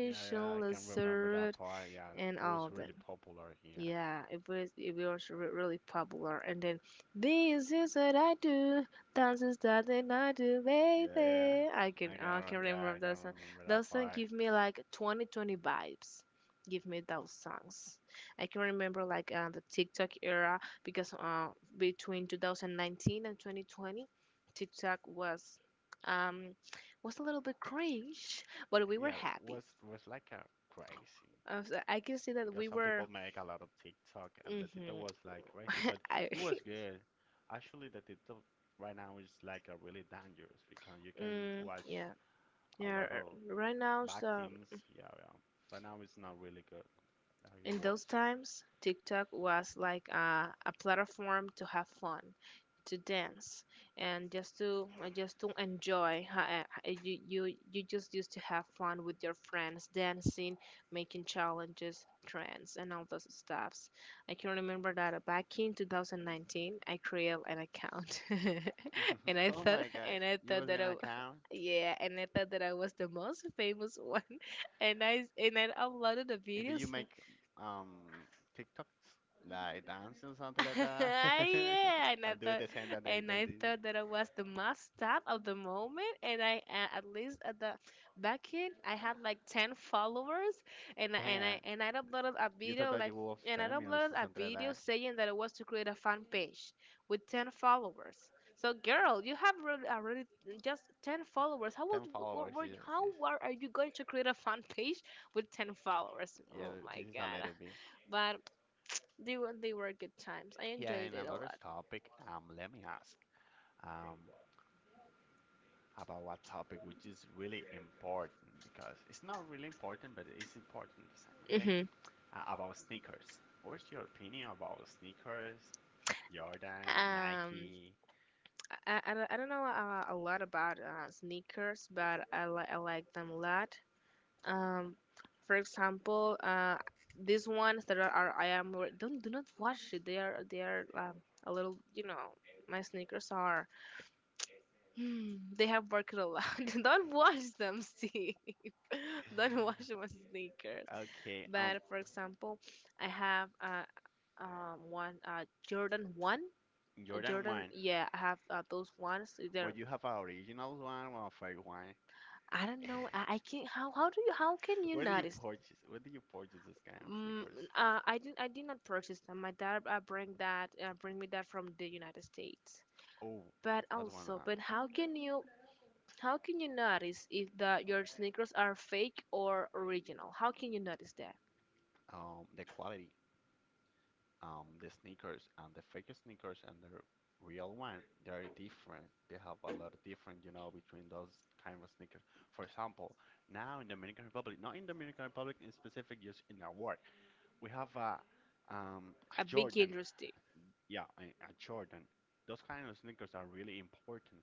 [SPEAKER 2] yeah, yeah. I can remember that
[SPEAKER 1] absurd,"
[SPEAKER 2] part. Yeah,
[SPEAKER 1] and
[SPEAKER 2] it was
[SPEAKER 1] all that.
[SPEAKER 2] really popular here.
[SPEAKER 1] Yeah, it was really popular. And then this is what I do, dance is that thing I do,
[SPEAKER 2] Yeah, yeah.
[SPEAKER 1] baby. I can I can
[SPEAKER 2] Yeah,
[SPEAKER 1] remember
[SPEAKER 2] I can
[SPEAKER 1] that song.
[SPEAKER 2] remember that
[SPEAKER 1] That song
[SPEAKER 2] part.
[SPEAKER 1] give me like 2020 vibes. Give me those songs. I can remember like the TikTok era, because between 2019 and 2020, TikTok um was a little bit cringe, but we were
[SPEAKER 2] Yeah,
[SPEAKER 1] happy.
[SPEAKER 2] was like a crazy
[SPEAKER 1] So I can see that
[SPEAKER 2] because
[SPEAKER 1] we
[SPEAKER 2] some
[SPEAKER 1] were.
[SPEAKER 2] people make a lot of TikTok and the TikTok
[SPEAKER 1] Hmm.
[SPEAKER 2] was like crazy, but
[SPEAKER 1] <laughs> I,
[SPEAKER 2] it
[SPEAKER 1] <laughs>
[SPEAKER 2] was good. Actually, the TikTok right now is like a really dangerous because you can
[SPEAKER 1] mm,
[SPEAKER 2] watch
[SPEAKER 1] yeah,
[SPEAKER 2] a
[SPEAKER 1] yeah.
[SPEAKER 2] lot
[SPEAKER 1] r-
[SPEAKER 2] of
[SPEAKER 1] Right now,
[SPEAKER 2] bad
[SPEAKER 1] so,
[SPEAKER 2] teams. Yeah, yeah. Right now it's not really good like it
[SPEAKER 1] in
[SPEAKER 2] was.
[SPEAKER 1] those times, TikTok was like a platform to have fun, to dance, and just to enjoy. You just used to have fun with your friends, dancing, making challenges, trends, and all those stuffs. I can remember that back in 2019, I created an account, <laughs> and
[SPEAKER 2] <laughs>
[SPEAKER 1] I
[SPEAKER 2] Oh
[SPEAKER 1] thought
[SPEAKER 2] my God,
[SPEAKER 1] and I
[SPEAKER 2] you
[SPEAKER 1] thought
[SPEAKER 2] was
[SPEAKER 1] that
[SPEAKER 2] in account?
[SPEAKER 1] yeah, and I thought that I was the most famous one, <laughs> and I uploaded the
[SPEAKER 2] And do you
[SPEAKER 1] videos.
[SPEAKER 2] make um TikToks like dancing or something like
[SPEAKER 1] <laughs>
[SPEAKER 2] that?
[SPEAKER 1] Yeah,
[SPEAKER 2] <laughs> Or do the same that they
[SPEAKER 1] and
[SPEAKER 2] they
[SPEAKER 1] I
[SPEAKER 2] did?
[SPEAKER 1] thought that I was the must top of the moment, and I, at least at the back end, I had like ten followers, and I- and
[SPEAKER 2] Damn.
[SPEAKER 1] I and I uploaded a
[SPEAKER 2] You thought
[SPEAKER 1] video
[SPEAKER 2] that
[SPEAKER 1] like,
[SPEAKER 2] you were
[SPEAKER 1] and I
[SPEAKER 2] famous
[SPEAKER 1] uploaded
[SPEAKER 2] or
[SPEAKER 1] a
[SPEAKER 2] something like
[SPEAKER 1] video
[SPEAKER 2] that.
[SPEAKER 1] saying that it was to create a fan page with ten followers. So girl, you have already, already just ten followers. How would
[SPEAKER 2] Ten followers, yeah.
[SPEAKER 1] how
[SPEAKER 2] Yes.
[SPEAKER 1] are you going to create a fan <laughs> page with ten followers?
[SPEAKER 2] Yeah,
[SPEAKER 1] Oh
[SPEAKER 2] this
[SPEAKER 1] my
[SPEAKER 2] is a
[SPEAKER 1] god!
[SPEAKER 2] little bit.
[SPEAKER 1] But they were good times. I
[SPEAKER 2] Yeah,
[SPEAKER 1] enjoyed
[SPEAKER 2] and
[SPEAKER 1] it a
[SPEAKER 2] another
[SPEAKER 1] lot.
[SPEAKER 2] topic, let me ask, um, about what topic which is really important because it's not really important, but it's important the same, okay?
[SPEAKER 1] Hmm.
[SPEAKER 2] About sneakers. What's your opinion about sneakers? Jordan,
[SPEAKER 1] Um,
[SPEAKER 2] Nike.
[SPEAKER 1] I don't know a lot about sneakers, but I like them a lot. Um, for example, these ones that are, don't, do not wash it. They are, they are, a little, you know, my sneakers are <sighs> hmm, they have worked a lot. <laughs> Don't wash them, Steve. <laughs> Don't wash my sneakers.
[SPEAKER 2] Okay,
[SPEAKER 1] But for example, I have one Jordan one. Uh,
[SPEAKER 2] Jordan
[SPEAKER 1] Jordan,
[SPEAKER 2] one,
[SPEAKER 1] yeah, I have those ones.
[SPEAKER 2] but
[SPEAKER 1] They're,
[SPEAKER 2] you have an original one or a fake one?
[SPEAKER 1] I don't
[SPEAKER 2] <laughs>
[SPEAKER 1] know. I can't. How do you, how can you
[SPEAKER 2] Where do you
[SPEAKER 1] notice?
[SPEAKER 2] purchase? Where do you purchase this kind of
[SPEAKER 1] Mm,
[SPEAKER 2] sneakers?
[SPEAKER 1] I did not purchase them. My dad, bring me that from the United States.
[SPEAKER 2] Oh,
[SPEAKER 1] But
[SPEAKER 2] that's one.
[SPEAKER 1] also,
[SPEAKER 2] Uh,
[SPEAKER 1] but how can you? How can you notice if the your sneakers are fake or original? How can you notice that?
[SPEAKER 2] um, the quality, the sneakers and the fake sneakers and the real one, they're different. They have a lot of different between those kind of sneakers. For example, now in Dominican Republic, not in Dominican Republic in specific, just in the world. We have a
[SPEAKER 1] A big
[SPEAKER 2] Jordan.
[SPEAKER 1] industry.
[SPEAKER 2] Yeah, a Jordan. Those kind of sneakers are really important.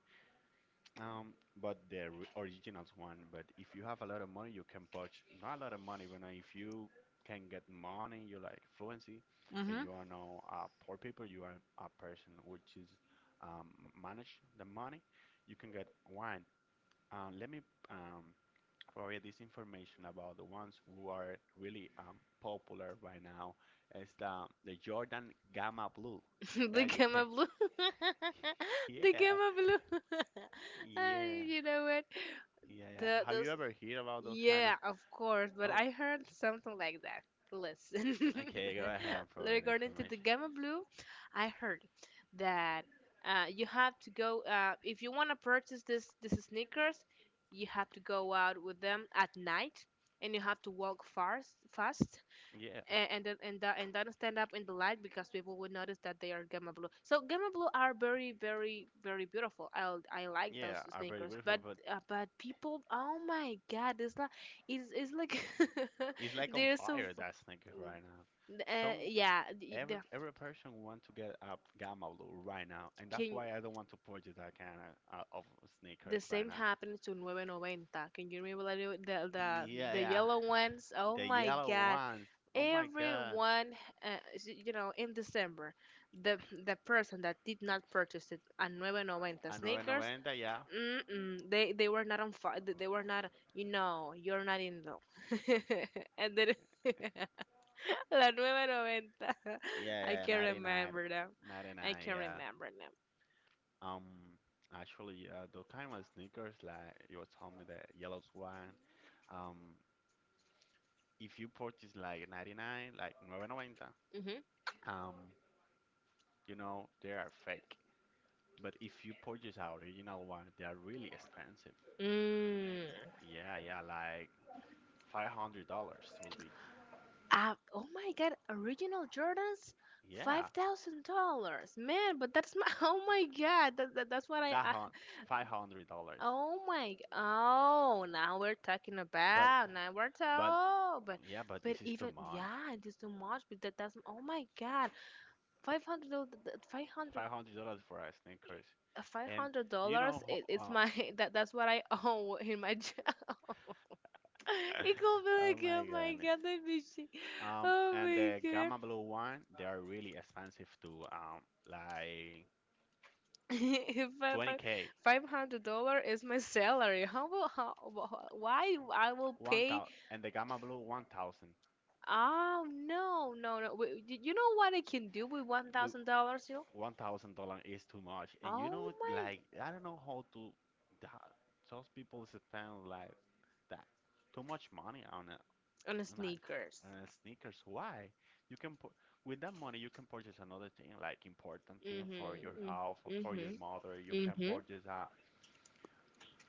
[SPEAKER 2] Um, but the originals one. But if you have a lot of money, you can purchase. Not a lot of money, but if you can get money, you like fluency, and you are now poor people. You are a person which is um, manage the money. You can get one. Uh, let me um, Provide this information about the ones who are really popular right now. It's the Jordan Gamma Blue.
[SPEAKER 1] Mm-hmm. <laughs> The
[SPEAKER 2] Yeah, you
[SPEAKER 1] gamma
[SPEAKER 2] can.
[SPEAKER 1] blue. <laughs>
[SPEAKER 2] <laughs>
[SPEAKER 1] The
[SPEAKER 2] Yeah,
[SPEAKER 1] gamma blue. <laughs> Ah,
[SPEAKER 2] yeah,
[SPEAKER 1] you know what?
[SPEAKER 2] yeah, yeah.
[SPEAKER 1] The
[SPEAKER 2] Have
[SPEAKER 1] the
[SPEAKER 2] you ever heard about those kind of?
[SPEAKER 1] yeah, of course, but
[SPEAKER 2] Oh,
[SPEAKER 1] I heard something like that. Listen,
[SPEAKER 2] okay. Go ahead and
[SPEAKER 1] <laughs>
[SPEAKER 2] provide
[SPEAKER 1] regarding to the
[SPEAKER 2] information.
[SPEAKER 1] Gamma Blue, I heard that you have to go, if you want to purchase this sneakers, you have to go out with them at night, and you have to walk fast, fast,
[SPEAKER 2] Yeah,
[SPEAKER 1] and don't stand up in the light, because people will notice that they are gamma blue. So gamma blue are very very very beautiful. I like those
[SPEAKER 2] yeah, are very
[SPEAKER 1] sneakers,
[SPEAKER 2] beautiful, but
[SPEAKER 1] but people, oh my god, it's not, it's like <laughs>
[SPEAKER 2] it's like on
[SPEAKER 1] they're so,
[SPEAKER 2] fire that sneaker right now. So
[SPEAKER 1] yeah, the,
[SPEAKER 2] every person want to get a Gamma Blue right now, and that's
[SPEAKER 1] can,
[SPEAKER 2] why I don't want to purchase that kind of
[SPEAKER 1] the
[SPEAKER 2] sneakers right
[SPEAKER 1] same
[SPEAKER 2] now.
[SPEAKER 1] happened to Nueve Noventa. Can you remember that? it- the the,
[SPEAKER 2] Yeah,
[SPEAKER 1] the yeah,
[SPEAKER 2] yeah.
[SPEAKER 1] yellow ones? Oh
[SPEAKER 2] The
[SPEAKER 1] my
[SPEAKER 2] yellow
[SPEAKER 1] God!
[SPEAKER 2] ones. Oh my God.
[SPEAKER 1] Everyone, you know, in December, the the person that did not purchase it a Nueve Noventa
[SPEAKER 2] A
[SPEAKER 1] sneakers,
[SPEAKER 2] 990, yeah.
[SPEAKER 1] mm-mm, they were not on fire. They were not. You know, you're not in love. <laughs> And then <laughs> la Nueve Noventa.
[SPEAKER 2] Yeah,
[SPEAKER 1] <laughs> I
[SPEAKER 2] yeah,
[SPEAKER 1] can
[SPEAKER 2] 99.
[SPEAKER 1] remember them. I
[SPEAKER 2] 99,
[SPEAKER 1] can
[SPEAKER 2] yeah.
[SPEAKER 1] remember them.
[SPEAKER 2] Um, Actually, the kind of sneakers like you were telling me, the yellow one. Um, if you purchase like 99, like 990,
[SPEAKER 1] Hmm.
[SPEAKER 2] um, they are fake. But if you purchase our original one, they are really expensive.
[SPEAKER 1] Mm.
[SPEAKER 2] Yeah, yeah, like $500 will be.
[SPEAKER 1] Oh my god, original Jordans, five
[SPEAKER 2] Yeah,
[SPEAKER 1] thousand dollars, man. But that's my, <laughs> oh my god, that's what I,
[SPEAKER 2] that
[SPEAKER 1] I
[SPEAKER 2] hun- $500.
[SPEAKER 1] oh my oh, now we're talking
[SPEAKER 2] But
[SPEAKER 1] about, now we're talking,
[SPEAKER 2] But
[SPEAKER 1] oh, but
[SPEAKER 2] yeah, but
[SPEAKER 1] but
[SPEAKER 2] this is too
[SPEAKER 1] even
[SPEAKER 2] much.
[SPEAKER 1] yeah, it is too much, but that's oh my god, five hundred, five hundred,
[SPEAKER 2] $500 for a sneakers,
[SPEAKER 1] eh, five
[SPEAKER 2] and
[SPEAKER 1] hundred
[SPEAKER 2] do you
[SPEAKER 1] dollars
[SPEAKER 2] know,
[SPEAKER 1] It, it's my <laughs> that that's what I <laughs> owe in my
[SPEAKER 2] uh,
[SPEAKER 1] <laughs> Ikaw
[SPEAKER 2] <laughs> oh
[SPEAKER 1] talaga,
[SPEAKER 2] my
[SPEAKER 1] my
[SPEAKER 2] goodness.
[SPEAKER 1] God, I miss you. Oh
[SPEAKER 2] And
[SPEAKER 1] my
[SPEAKER 2] the
[SPEAKER 1] God.
[SPEAKER 2] Gamma Blue one, they are really expensive too. Like
[SPEAKER 1] <laughs> If
[SPEAKER 2] 20K,
[SPEAKER 1] 500 dollar is my salary, how will how, why I will
[SPEAKER 2] one
[SPEAKER 1] pay?
[SPEAKER 2] thousand, and the Gamma Blue 1,000.
[SPEAKER 1] Oh no no no! Wait, you know what I can do with one
[SPEAKER 2] Look,
[SPEAKER 1] thousand dollars? You,
[SPEAKER 2] $1,000 is too much, and
[SPEAKER 1] oh my!
[SPEAKER 2] like I don't know how to. th- Those people spend like that too much money on it.
[SPEAKER 1] On
[SPEAKER 2] and
[SPEAKER 1] sneakers.
[SPEAKER 2] and sneakers. Why? You can with that money you can purchase another thing like important thing
[SPEAKER 1] Mhm,
[SPEAKER 2] for your
[SPEAKER 1] mm,
[SPEAKER 2] health, or for
[SPEAKER 1] mhm,
[SPEAKER 2] your mother. You can
[SPEAKER 1] mhm.
[SPEAKER 2] purchase a —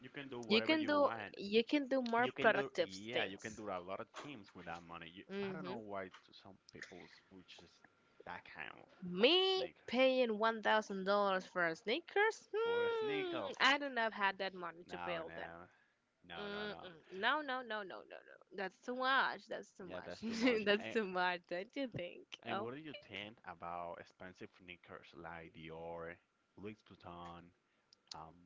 [SPEAKER 2] you can do
[SPEAKER 1] You
[SPEAKER 2] whatever
[SPEAKER 1] can
[SPEAKER 2] you
[SPEAKER 1] do,
[SPEAKER 2] want.
[SPEAKER 1] more
[SPEAKER 2] You can do,
[SPEAKER 1] productive
[SPEAKER 2] yeah, you can
[SPEAKER 1] things.
[SPEAKER 2] do a lot of things with that money. I don't know
[SPEAKER 1] Mm-hmm.
[SPEAKER 2] why to some people purchase that kind of
[SPEAKER 1] Me
[SPEAKER 2] sneaker
[SPEAKER 1] paying $1,000 for sneakers?
[SPEAKER 2] for
[SPEAKER 1] Hmm,
[SPEAKER 2] sneakers.
[SPEAKER 1] I do not have that money to pay
[SPEAKER 2] No,
[SPEAKER 1] all that.
[SPEAKER 2] no, no, no, no.
[SPEAKER 1] Mm-mm. No, no, no, no, no, no. That's too much. That's too
[SPEAKER 2] Yeah,
[SPEAKER 1] much.
[SPEAKER 2] that's too
[SPEAKER 1] <laughs>
[SPEAKER 2] much.
[SPEAKER 1] That's
[SPEAKER 2] And
[SPEAKER 1] too much. Don't you think?
[SPEAKER 2] and
[SPEAKER 1] Oh,
[SPEAKER 2] what do you think about expensive sneakers like Dior, Louis Vuitton? Um,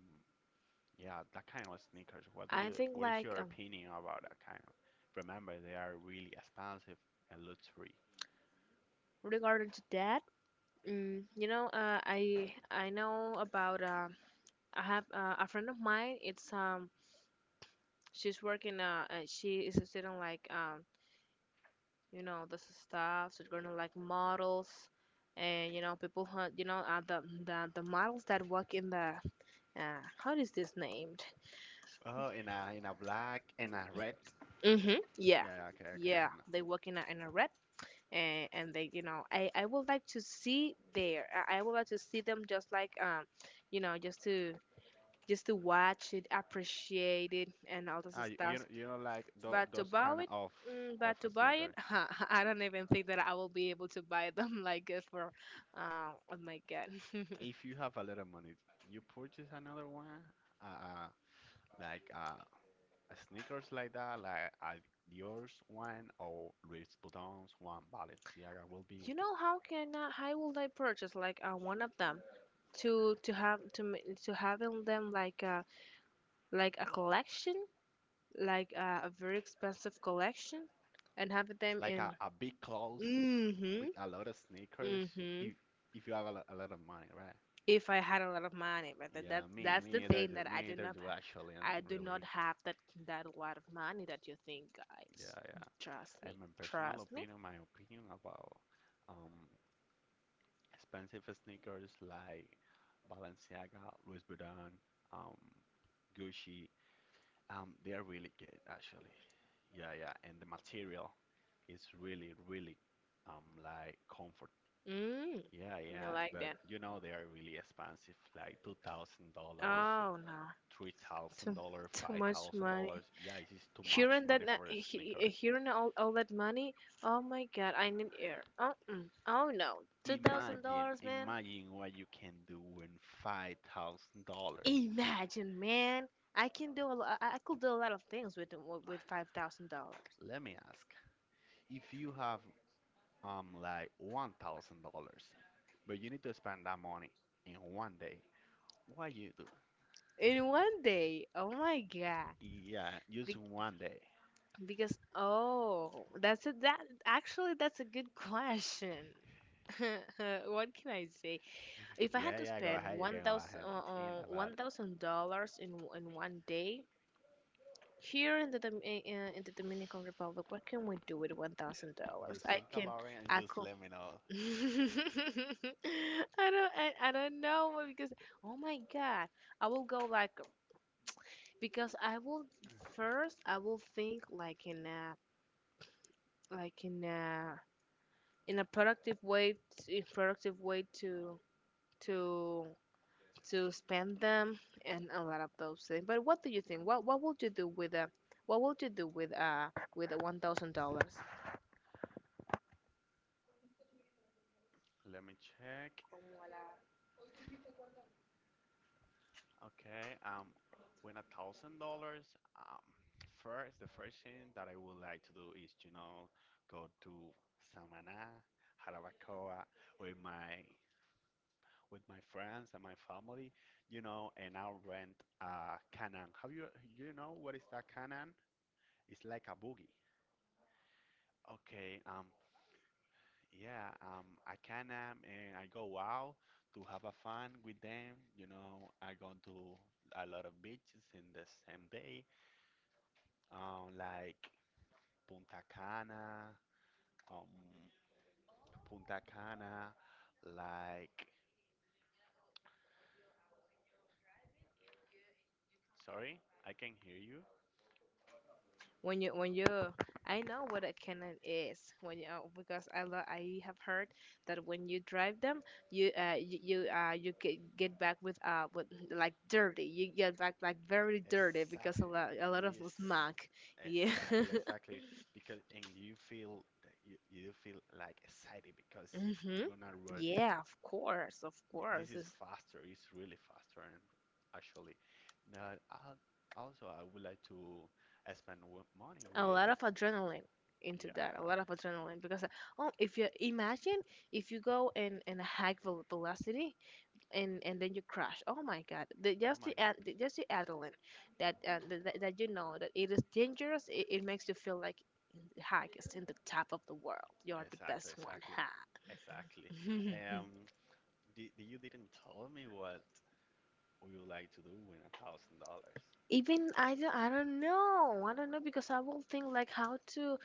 [SPEAKER 2] Yeah, that kind of sneakers.
[SPEAKER 1] I think
[SPEAKER 2] What is
[SPEAKER 1] like,
[SPEAKER 2] your opinion about that kind of? Remember, they are really expensive and luxury.
[SPEAKER 1] regarding to that, mm, you know, I know about, I have a friend of mine. It's, she's working, she is a student, like, um, you know, the staffs are gonna like models, and you know, people who, you know, the, the models that work in the, how is this named?
[SPEAKER 2] Oh, in a black and a red.
[SPEAKER 1] Mm-hmm, yeah,
[SPEAKER 2] Yeah, okay, okay,
[SPEAKER 1] yeah,
[SPEAKER 2] I know.
[SPEAKER 1] they work in a red, and they, you know, I would like to see there, I would like to see them, just like, um, you know, just to, just to watch it, appreciate it, and all this
[SPEAKER 2] Ah, you you
[SPEAKER 1] stuff.
[SPEAKER 2] know, you know like
[SPEAKER 1] But to
[SPEAKER 2] those
[SPEAKER 1] buy
[SPEAKER 2] kind
[SPEAKER 1] it,
[SPEAKER 2] of
[SPEAKER 1] mm,
[SPEAKER 2] of
[SPEAKER 1] but to buy it,
[SPEAKER 2] sneakers.
[SPEAKER 1] <laughs> I don't even think that I will be able to buy them <laughs> like, oh my God. <laughs>
[SPEAKER 2] If you have a little money, you purchase another one, uh, uh, like sneakers like that, like Dior's one or Louis Vuitton's one, Balenciaga will be
[SPEAKER 1] You know how can I, how will I purchase like, one of them, to to having them like a collection, like, a very expensive collection, and having them
[SPEAKER 2] like a,
[SPEAKER 1] in.
[SPEAKER 2] a big clothes
[SPEAKER 1] Mm-hmm.
[SPEAKER 2] with a lot of sneakers
[SPEAKER 1] Mm-hmm.
[SPEAKER 2] if if you have a lot of money, right?
[SPEAKER 1] If I had a lot of money, but
[SPEAKER 2] Yeah, me
[SPEAKER 1] that's the
[SPEAKER 2] me either
[SPEAKER 1] thing
[SPEAKER 2] do
[SPEAKER 1] that I
[SPEAKER 2] me
[SPEAKER 1] do
[SPEAKER 2] either
[SPEAKER 1] not,
[SPEAKER 2] do actually and
[SPEAKER 1] I do not
[SPEAKER 2] really,
[SPEAKER 1] have that, that lot of money that you think, guys.
[SPEAKER 2] yeah, yeah.
[SPEAKER 1] Trust me.
[SPEAKER 2] And my personal
[SPEAKER 1] Trust me.
[SPEAKER 2] opinion, my opinion about um expensive sneakers like Balenciaga, Louis Vuitton, um Gucci, they are really good actually. Yeah, yeah, and the material is really, really like comfort.
[SPEAKER 1] Mm.
[SPEAKER 2] Yeah,
[SPEAKER 1] You
[SPEAKER 2] yeah,
[SPEAKER 1] like
[SPEAKER 2] but
[SPEAKER 1] that?
[SPEAKER 2] they are really expensive, like $2,000.
[SPEAKER 1] Oh no.
[SPEAKER 2] three thousand
[SPEAKER 1] Too
[SPEAKER 2] dollars,
[SPEAKER 1] too
[SPEAKER 2] five
[SPEAKER 1] much
[SPEAKER 2] thousand
[SPEAKER 1] money.
[SPEAKER 2] dollars. Yeah, it is too much
[SPEAKER 1] Hearing that,
[SPEAKER 2] money for a sneaker.
[SPEAKER 1] hearing all that money. Oh my God, I need air. Oh, mm. Oh no, two thousand
[SPEAKER 2] Imagine,
[SPEAKER 1] dollars, man.
[SPEAKER 2] imagine what you can do with $5,000.
[SPEAKER 1] Imagine, man. I can do a lot. I could do a lot of things with $5,000.
[SPEAKER 2] Let me ask, if you have like $1,000, but you need to spend that money in one day, what you do?
[SPEAKER 1] In one day. Oh my god.
[SPEAKER 2] Yeah, just
[SPEAKER 1] Be-
[SPEAKER 2] one day.
[SPEAKER 1] because oh, that's a that actually that's a good question. <laughs> What can I say? If I had
[SPEAKER 2] Yeah,
[SPEAKER 1] to
[SPEAKER 2] yeah, go
[SPEAKER 1] spend
[SPEAKER 2] ahead. You
[SPEAKER 1] one
[SPEAKER 2] can go
[SPEAKER 1] thousand
[SPEAKER 2] ahead and think about
[SPEAKER 1] one
[SPEAKER 2] it.
[SPEAKER 1] thousand dollars in one day here in the in the Dominican Republic, what can we do with $1,000?
[SPEAKER 2] Just
[SPEAKER 1] I
[SPEAKER 2] think
[SPEAKER 1] can,
[SPEAKER 2] about it and
[SPEAKER 1] I
[SPEAKER 2] just
[SPEAKER 1] could,
[SPEAKER 2] let me know.
[SPEAKER 1] <laughs> I don't, I don't know, because oh my god, I will go like, because I will, first I will think like in a, like in a, in a productive way, in productive way, to to spend them, and a lot of those things. But what do you think? What would you do with a, what would you do with, with a $1,000?
[SPEAKER 2] Let me check. Okay, win $1,000. Um, First, the first thing that I would like to do is, go to Samaná, Jarabacoa with my friends and my family, and I'll rent a Canan. Have you You know what is that Canan? It's like a buggy. Okay, yeah, I can, and I go out to have a fun with them. You know, I go to a lot of beaches in the same day. Like Punta Cana, um, Punta Cana, like, sorry, I can hear you.
[SPEAKER 1] When you I know what a cannon is. When you because I lo- I have heard that when you drive them you get back with like dirty. You get back like very dirty because a
[SPEAKER 2] Exactly,
[SPEAKER 1] lot a lot of
[SPEAKER 2] yes,
[SPEAKER 1] smog. Yeah. <laughs>
[SPEAKER 2] exactly, exactly. Because and you feel that you feel like excited because
[SPEAKER 1] Mhm.
[SPEAKER 2] you're gonna run.
[SPEAKER 1] Yeah, of course of
[SPEAKER 2] This
[SPEAKER 1] course
[SPEAKER 2] is
[SPEAKER 1] it's
[SPEAKER 2] faster. It's really faster, and actually, now I, also I would like to spend money
[SPEAKER 1] a
[SPEAKER 2] with.
[SPEAKER 1] lot of adrenaline into that. A
[SPEAKER 2] Yeah,
[SPEAKER 1] lot of adrenaline because oh, if you imagine if you go in a velocity and then you crash. Oh my God, the,
[SPEAKER 2] oh
[SPEAKER 1] just
[SPEAKER 2] my
[SPEAKER 1] the, ad-
[SPEAKER 2] God.
[SPEAKER 1] the just the adrenaline. That, th- that that You know that it is dangerous. It makes you feel like highest in the top of the world. You're the
[SPEAKER 2] Exactly,
[SPEAKER 1] best one,
[SPEAKER 2] exactly,
[SPEAKER 1] huh?
[SPEAKER 2] exactly.
[SPEAKER 1] <laughs>
[SPEAKER 2] Um, you didn't tell me what would you like to do with $1,000.
[SPEAKER 1] Even I don't know because I will think like how to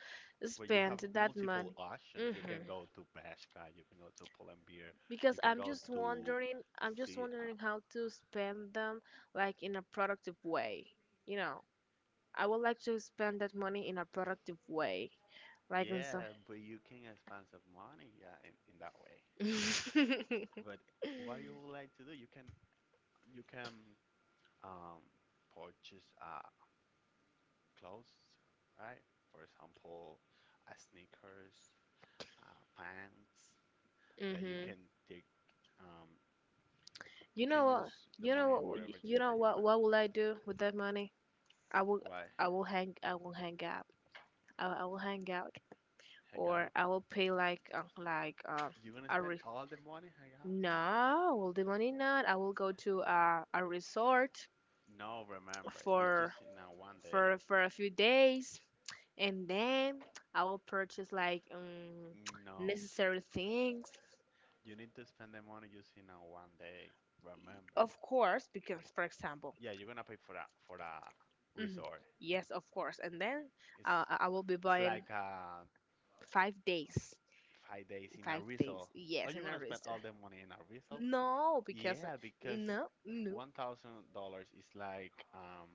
[SPEAKER 2] Well, you have
[SPEAKER 1] spend that
[SPEAKER 2] multiple
[SPEAKER 1] money.
[SPEAKER 2] options. You
[SPEAKER 1] Hmm.
[SPEAKER 2] can go to Bashka, you can go to Pull&Bear, you
[SPEAKER 1] Because
[SPEAKER 2] can go to
[SPEAKER 1] I'm just
[SPEAKER 2] see.
[SPEAKER 1] wondering how to spend them, like, in a productive way. You know, I would like to spend that money in a productive way, like in some.
[SPEAKER 2] Yeah, but you can
[SPEAKER 1] <laughs>
[SPEAKER 2] expand some money, yeah, in that way. But what you would like to do, you can um purchase clothes, right? For example, sneakers, pants. Like you
[SPEAKER 1] Hmm.
[SPEAKER 2] can take, um, you
[SPEAKER 1] You know
[SPEAKER 2] can use
[SPEAKER 1] what?
[SPEAKER 2] the money in whatever thing
[SPEAKER 1] You
[SPEAKER 2] that
[SPEAKER 1] know
[SPEAKER 2] you
[SPEAKER 1] what?
[SPEAKER 2] want.
[SPEAKER 1] What will I do with that money? I will.
[SPEAKER 2] Why?
[SPEAKER 1] I will hang. I will hang out. I will hang out.
[SPEAKER 2] Hang
[SPEAKER 1] Or
[SPEAKER 2] out?
[SPEAKER 1] I will pay, like,
[SPEAKER 2] You gonna
[SPEAKER 1] a
[SPEAKER 2] spend
[SPEAKER 1] re-
[SPEAKER 2] all the money hang out?
[SPEAKER 1] no, well, the money not. I will go to a resort
[SPEAKER 2] No, remember, it's
[SPEAKER 1] for
[SPEAKER 2] just in a one day.
[SPEAKER 1] for a few days, and then I will purchase, like,
[SPEAKER 2] No,
[SPEAKER 1] necessary things.
[SPEAKER 2] you need to spend the money just in a one day. Remember.
[SPEAKER 1] Of course, because, for example.
[SPEAKER 2] Yeah, you're gonna pay for a
[SPEAKER 1] Mhm.
[SPEAKER 2] resort.
[SPEAKER 1] Yes, of course. And then
[SPEAKER 2] It's
[SPEAKER 1] I will be
[SPEAKER 2] it's
[SPEAKER 1] buying.
[SPEAKER 2] like
[SPEAKER 1] 5 days.
[SPEAKER 2] 5 days in a
[SPEAKER 1] Five
[SPEAKER 2] resort.
[SPEAKER 1] days.
[SPEAKER 2] Are
[SPEAKER 1] Yes,
[SPEAKER 2] you
[SPEAKER 1] in a
[SPEAKER 2] gonna spend
[SPEAKER 1] register.
[SPEAKER 2] all the money in a resort?
[SPEAKER 1] No, because
[SPEAKER 2] Yeah, because
[SPEAKER 1] no, no.
[SPEAKER 2] $1,000 is like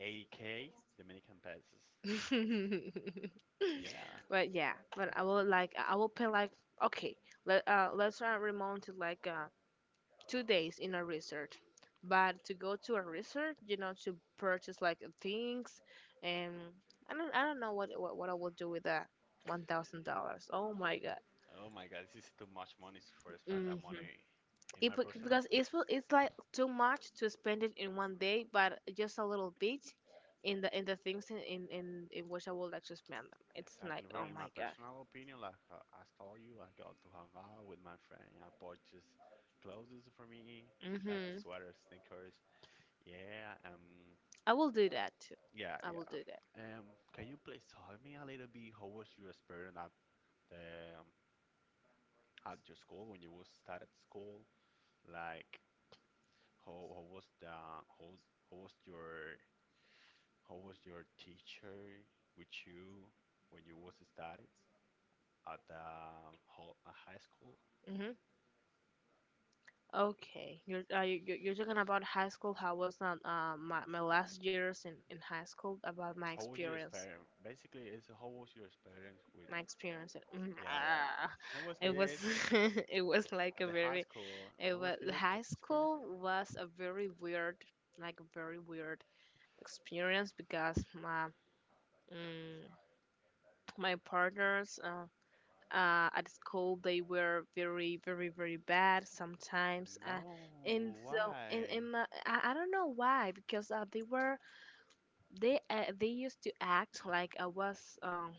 [SPEAKER 2] 80K Dominican pesos.
[SPEAKER 1] <laughs>
[SPEAKER 2] Yeah.
[SPEAKER 1] But yeah, but I will, like, I will pay like, okay. Let's remount to, like, 2 days in a resort. But to go to a resort, to purchase, like, things. And I don't know what I will do with that $1,000. Oh my God.
[SPEAKER 2] Oh my God, this is too much money for spend
[SPEAKER 1] Hmm.
[SPEAKER 2] that money. In my personal —
[SPEAKER 1] Because it's like too much to spend it in one day, but just a little bit in the things in which I would like to spend them. It's like,
[SPEAKER 2] exactly.
[SPEAKER 1] oh
[SPEAKER 2] In
[SPEAKER 1] my
[SPEAKER 2] my
[SPEAKER 1] God.
[SPEAKER 2] personal opinion, like I told you, I go to hang out with my friend. I purchase clothes for me, like a
[SPEAKER 1] Mhm.
[SPEAKER 2] sweater, sneakers. Yeah.
[SPEAKER 1] I will do that too.
[SPEAKER 2] Yeah.
[SPEAKER 1] I will
[SPEAKER 2] Yeah.
[SPEAKER 1] do that.
[SPEAKER 2] Can you please tell me a little bit how was your experience at the at your school when you was started school? Like how how was the how how was your How was your teacher with you when you was studying at the high school?
[SPEAKER 1] Mhm. Okay, you're talking about high school. How was, not my last years in high school, about my
[SPEAKER 2] How was your
[SPEAKER 1] experience?
[SPEAKER 2] experience? Basically, it's how was your experience with?
[SPEAKER 1] My experience.
[SPEAKER 2] Yeah, yeah. That was
[SPEAKER 1] It was
[SPEAKER 2] good
[SPEAKER 1] <laughs> it was like
[SPEAKER 2] at
[SPEAKER 1] a
[SPEAKER 2] the high
[SPEAKER 1] very
[SPEAKER 2] school.
[SPEAKER 1] it
[SPEAKER 2] That was
[SPEAKER 1] was
[SPEAKER 2] good
[SPEAKER 1] high
[SPEAKER 2] experience.
[SPEAKER 1] school was a very weird, like a very weird experience because mm, my partners, at school, they were very very very bad sometimes.
[SPEAKER 2] No, why?
[SPEAKER 1] And I don't know why, because they were, they used to act like I was,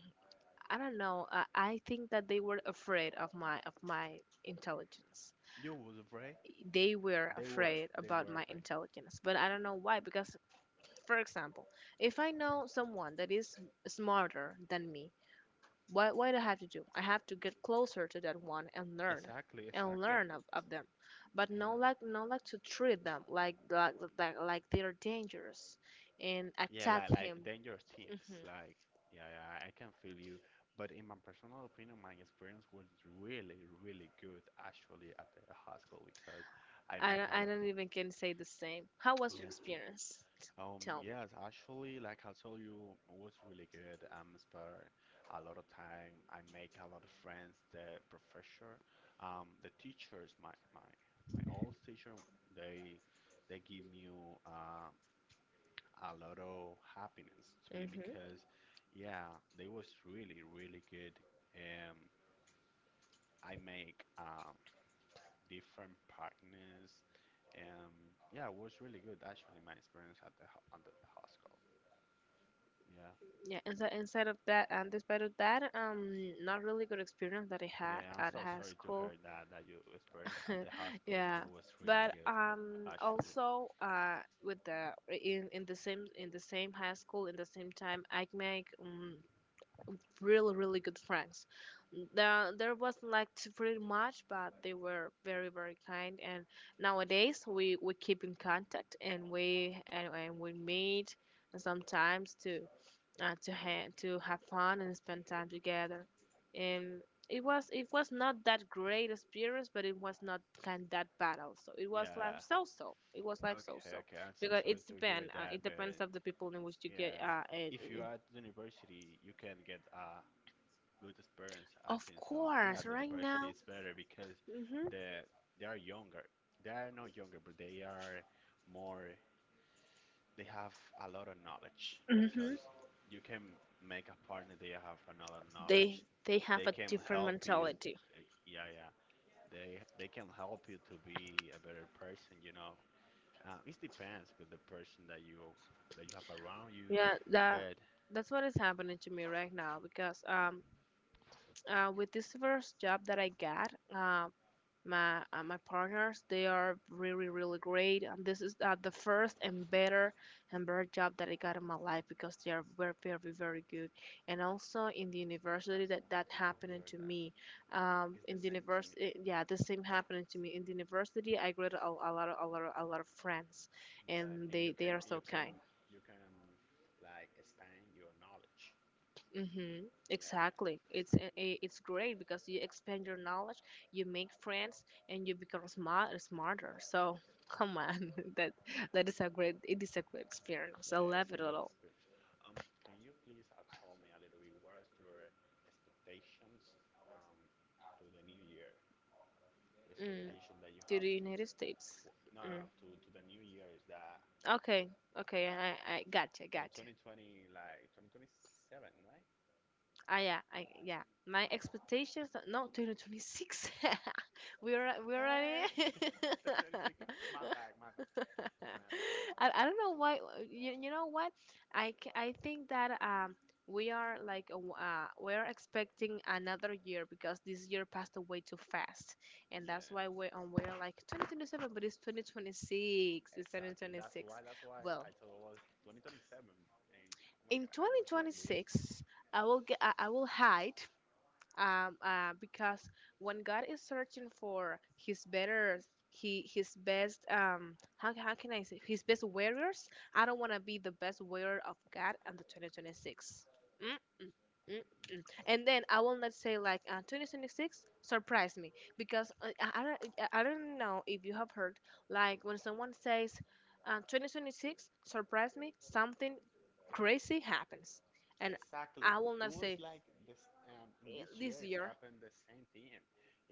[SPEAKER 1] I don't know. I think that they were afraid of my intelligence.
[SPEAKER 2] You was afraid?
[SPEAKER 1] They were
[SPEAKER 2] They were.
[SPEAKER 1] afraid
[SPEAKER 2] They
[SPEAKER 1] about
[SPEAKER 2] were
[SPEAKER 1] my
[SPEAKER 2] afraid.
[SPEAKER 1] intelligence, but I don't know why. Because, for example, if I know someone that is smarter than me, what I have to do? I have to get closer to that one and learn,
[SPEAKER 2] Exactly, exactly.
[SPEAKER 1] of them. But
[SPEAKER 2] Yeah.
[SPEAKER 1] not like to treat them, like they're dangerous, and
[SPEAKER 2] Yeah,
[SPEAKER 1] attack
[SPEAKER 2] like
[SPEAKER 1] him.
[SPEAKER 2] dangerous teams.
[SPEAKER 1] Hmm.
[SPEAKER 2] Like, yeah, yeah, I can feel you. But in my personal opinion, my experience was really, really good actually at the high school because I make a
[SPEAKER 1] I
[SPEAKER 2] lot.
[SPEAKER 1] don't even can say the same. How was your
[SPEAKER 2] Yeah.
[SPEAKER 1] experience? Tell me.
[SPEAKER 2] Yes, actually, like I told you, it was really good. I'm spent a lot of time. I make a lot of friends. The teachers, my old teacher, they they give me uh a lot of happiness to me
[SPEAKER 1] Mm-hmm.
[SPEAKER 2] because, yeah, they was really, really good. Um, I make different partners. Um, yeah, it was really good actually. My experience at the hospital. Yeah,
[SPEAKER 1] Yeah, and so, inside of that, and despite of that, not really good experience that I had
[SPEAKER 2] yeah. I'm
[SPEAKER 1] at
[SPEAKER 2] so
[SPEAKER 1] high
[SPEAKER 2] sorry to
[SPEAKER 1] school.
[SPEAKER 2] hear that that your experience at
[SPEAKER 1] <laughs>
[SPEAKER 2] the hospital, no,
[SPEAKER 1] Yeah,
[SPEAKER 2] it was really
[SPEAKER 1] but
[SPEAKER 2] good actually.
[SPEAKER 1] also, with the in the same, high school, in the same time, I make, really really good friends. There wasn't, like, too pretty much, but they were very very kind. And nowadays, we keep in contact, and we meet sometimes to, to have fun and spend time together. um, it was, not that great experience, but it was not kind that bad also. It was like
[SPEAKER 2] Yeah.
[SPEAKER 1] so so. It was like so so,
[SPEAKER 2] Okay. Okay. I'm so
[SPEAKER 1] because
[SPEAKER 2] sorry
[SPEAKER 1] it's
[SPEAKER 2] to hear
[SPEAKER 1] depend.
[SPEAKER 2] that,
[SPEAKER 1] It depends
[SPEAKER 2] but
[SPEAKER 1] of the people in which you get.
[SPEAKER 2] yeah, if you are at the university, you can get a good experience, I
[SPEAKER 1] Of
[SPEAKER 2] think so. Yeah,
[SPEAKER 1] course,
[SPEAKER 2] the
[SPEAKER 1] right
[SPEAKER 2] university
[SPEAKER 1] now.
[SPEAKER 2] is better because
[SPEAKER 1] Hmm.
[SPEAKER 2] the they are younger. They are not younger, but they are more. They have a lot of knowledge
[SPEAKER 1] Hmm.
[SPEAKER 2] because you can make a partner. They have another
[SPEAKER 1] They
[SPEAKER 2] knowledge.
[SPEAKER 1] they have
[SPEAKER 2] They
[SPEAKER 1] a
[SPEAKER 2] can
[SPEAKER 1] different
[SPEAKER 2] help you.
[SPEAKER 1] mentality.
[SPEAKER 2] Yeah, yeah. They can help you to be a better person. You know, it depends with the person that you have around you.
[SPEAKER 1] Yeah,
[SPEAKER 2] But
[SPEAKER 1] that's what is happening to me right now, because <tsk> with this first job that I got, my partners, they are really really great. And this is, the first and better job that I got in my life, because they are very very very good. And also, in the
[SPEAKER 2] I'm
[SPEAKER 1] university,
[SPEAKER 2] so
[SPEAKER 1] that
[SPEAKER 2] happy to
[SPEAKER 1] happened
[SPEAKER 2] hear
[SPEAKER 1] to
[SPEAKER 2] that.
[SPEAKER 1] me.
[SPEAKER 2] It's
[SPEAKER 1] In
[SPEAKER 2] the
[SPEAKER 1] the
[SPEAKER 2] same to me.
[SPEAKER 1] university, yeah, the same happened to me. In the university, I grew a lot of friends,
[SPEAKER 2] Yeah,
[SPEAKER 1] and
[SPEAKER 2] and you
[SPEAKER 1] they
[SPEAKER 2] can
[SPEAKER 1] are so
[SPEAKER 2] you can
[SPEAKER 1] kind.
[SPEAKER 2] you can like expand your knowledge.
[SPEAKER 1] Mm-hmm.
[SPEAKER 2] Yeah, yeah,
[SPEAKER 1] Exactly.
[SPEAKER 2] exactly.
[SPEAKER 1] It's great, because you expand your knowledge, you make friends, and you become smarter. So come on. <laughs> that
[SPEAKER 2] Yeah, yeah,
[SPEAKER 1] that is a great It is a great experience. I
[SPEAKER 2] yeah,
[SPEAKER 1] love
[SPEAKER 2] it's
[SPEAKER 1] it
[SPEAKER 2] a
[SPEAKER 1] a
[SPEAKER 2] good
[SPEAKER 1] lot.
[SPEAKER 2] experience. Can you please tell me a little bit what is your expectations um to the new year? Your
[SPEAKER 1] Mm.
[SPEAKER 2] expectation that you
[SPEAKER 1] To
[SPEAKER 2] have
[SPEAKER 1] the
[SPEAKER 2] to
[SPEAKER 1] United States.
[SPEAKER 2] no, no,
[SPEAKER 1] Mm.
[SPEAKER 2] no, to the new year is that,
[SPEAKER 1] Okay, okay, I
[SPEAKER 2] like,
[SPEAKER 1] I gotcha,
[SPEAKER 2] so
[SPEAKER 1] gotcha.
[SPEAKER 2] 2020, like 2027, right?
[SPEAKER 1] Ah, yeah, I yeah. My expectations, no, 2026. <laughs> we are we <laughs> we're already.
[SPEAKER 2] Yes,
[SPEAKER 1] <laughs> <laughs>
[SPEAKER 2] 2026. <laughs> My bad, my bad, my bad.
[SPEAKER 1] I don't know why. You know what, I think that we are, like, we are expecting another year, because this year passed away too fast, and
[SPEAKER 2] Yeah,
[SPEAKER 1] that's why we're like 2027. But it's 2026. It's
[SPEAKER 2] exactly. That's
[SPEAKER 1] 2026.
[SPEAKER 2] why. That's why
[SPEAKER 1] Well,
[SPEAKER 2] I thought it was 2027, and oh my
[SPEAKER 1] in
[SPEAKER 2] God, I was like, "We."
[SPEAKER 1] 2026, I will hide, because when God is searching for His better, He His best, how can I say, His best warriors? I don't want to be the best warrior of God in the 2026. Mm-mm. Mm-mm. And then I will not say, like, 2026 surprise me. Because, I don't know if you have heard, like, when someone says, 2026 surprise me, something crazy happens. And
[SPEAKER 2] Exactly.
[SPEAKER 1] I will
[SPEAKER 2] It
[SPEAKER 1] not
[SPEAKER 2] was
[SPEAKER 1] say.
[SPEAKER 2] like this. In this year,
[SPEAKER 1] This
[SPEAKER 2] it's
[SPEAKER 1] year.
[SPEAKER 2] happened the same thing.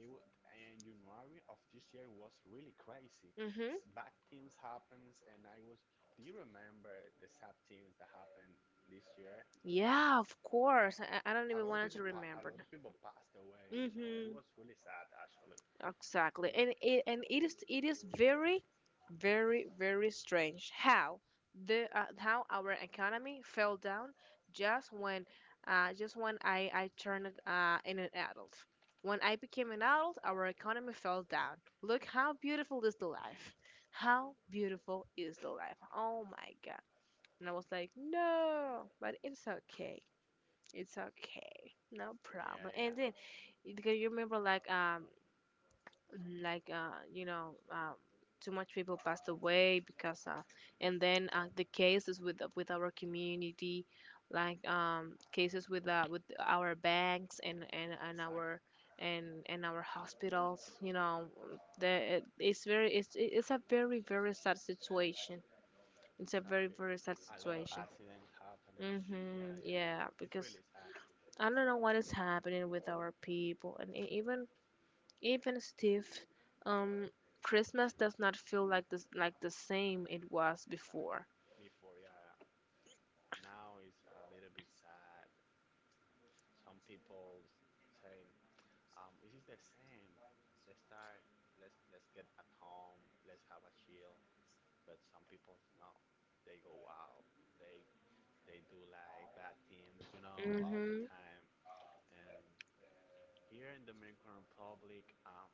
[SPEAKER 2] It was, and January of this year was really crazy.
[SPEAKER 1] Hmm.
[SPEAKER 2] Bad things happens, and I was. Do you remember the sad things that happened this year?
[SPEAKER 1] Yeah, of course. I don't
[SPEAKER 2] A
[SPEAKER 1] even
[SPEAKER 2] lot of
[SPEAKER 1] want to
[SPEAKER 2] people. A
[SPEAKER 1] remember.
[SPEAKER 2] lot of people passed away. You know, it
[SPEAKER 1] Hmm.
[SPEAKER 2] was really sad actually.
[SPEAKER 1] Exactly,
[SPEAKER 2] But
[SPEAKER 1] and it is very, very very strange how, the how our economy fell down, just when, just when I turned, in an adult. When I became an adult, our economy fell down. Look how beautiful is the life. How beautiful is the life. Oh my God. And I was like, no, but it's okay. It's okay. No problem.
[SPEAKER 2] yeah,
[SPEAKER 1] And
[SPEAKER 2] yeah.
[SPEAKER 1] then, because you remember, like, you know, too much people passed away, because, and then, the cases with our community, like, cases, with our banks, and
[SPEAKER 2] Exactly.
[SPEAKER 1] our, and our hospitals, you know. The it's a very very sad situation. It's a very
[SPEAKER 2] Exactly.
[SPEAKER 1] very sad
[SPEAKER 2] A lot of
[SPEAKER 1] situation.
[SPEAKER 2] accidents happening.
[SPEAKER 1] Hmm.
[SPEAKER 2] Uh,
[SPEAKER 1] Yeah,
[SPEAKER 2] it's
[SPEAKER 1] because
[SPEAKER 2] really sad.
[SPEAKER 1] I don't know what is happening with our people, and even, Steve, um, Christmas does not feel like this, like the same it was
[SPEAKER 2] Exactly.
[SPEAKER 1] before.
[SPEAKER 2] Before, yeah. Now it's a little bit sad. Some people saying, this is the same. Let's start. Let's get at home. Let's have a chill. But some people, no. They go out. They they do like bad things, you know, all the
[SPEAKER 1] Mhm.
[SPEAKER 2] time. And here in Dominican Republic,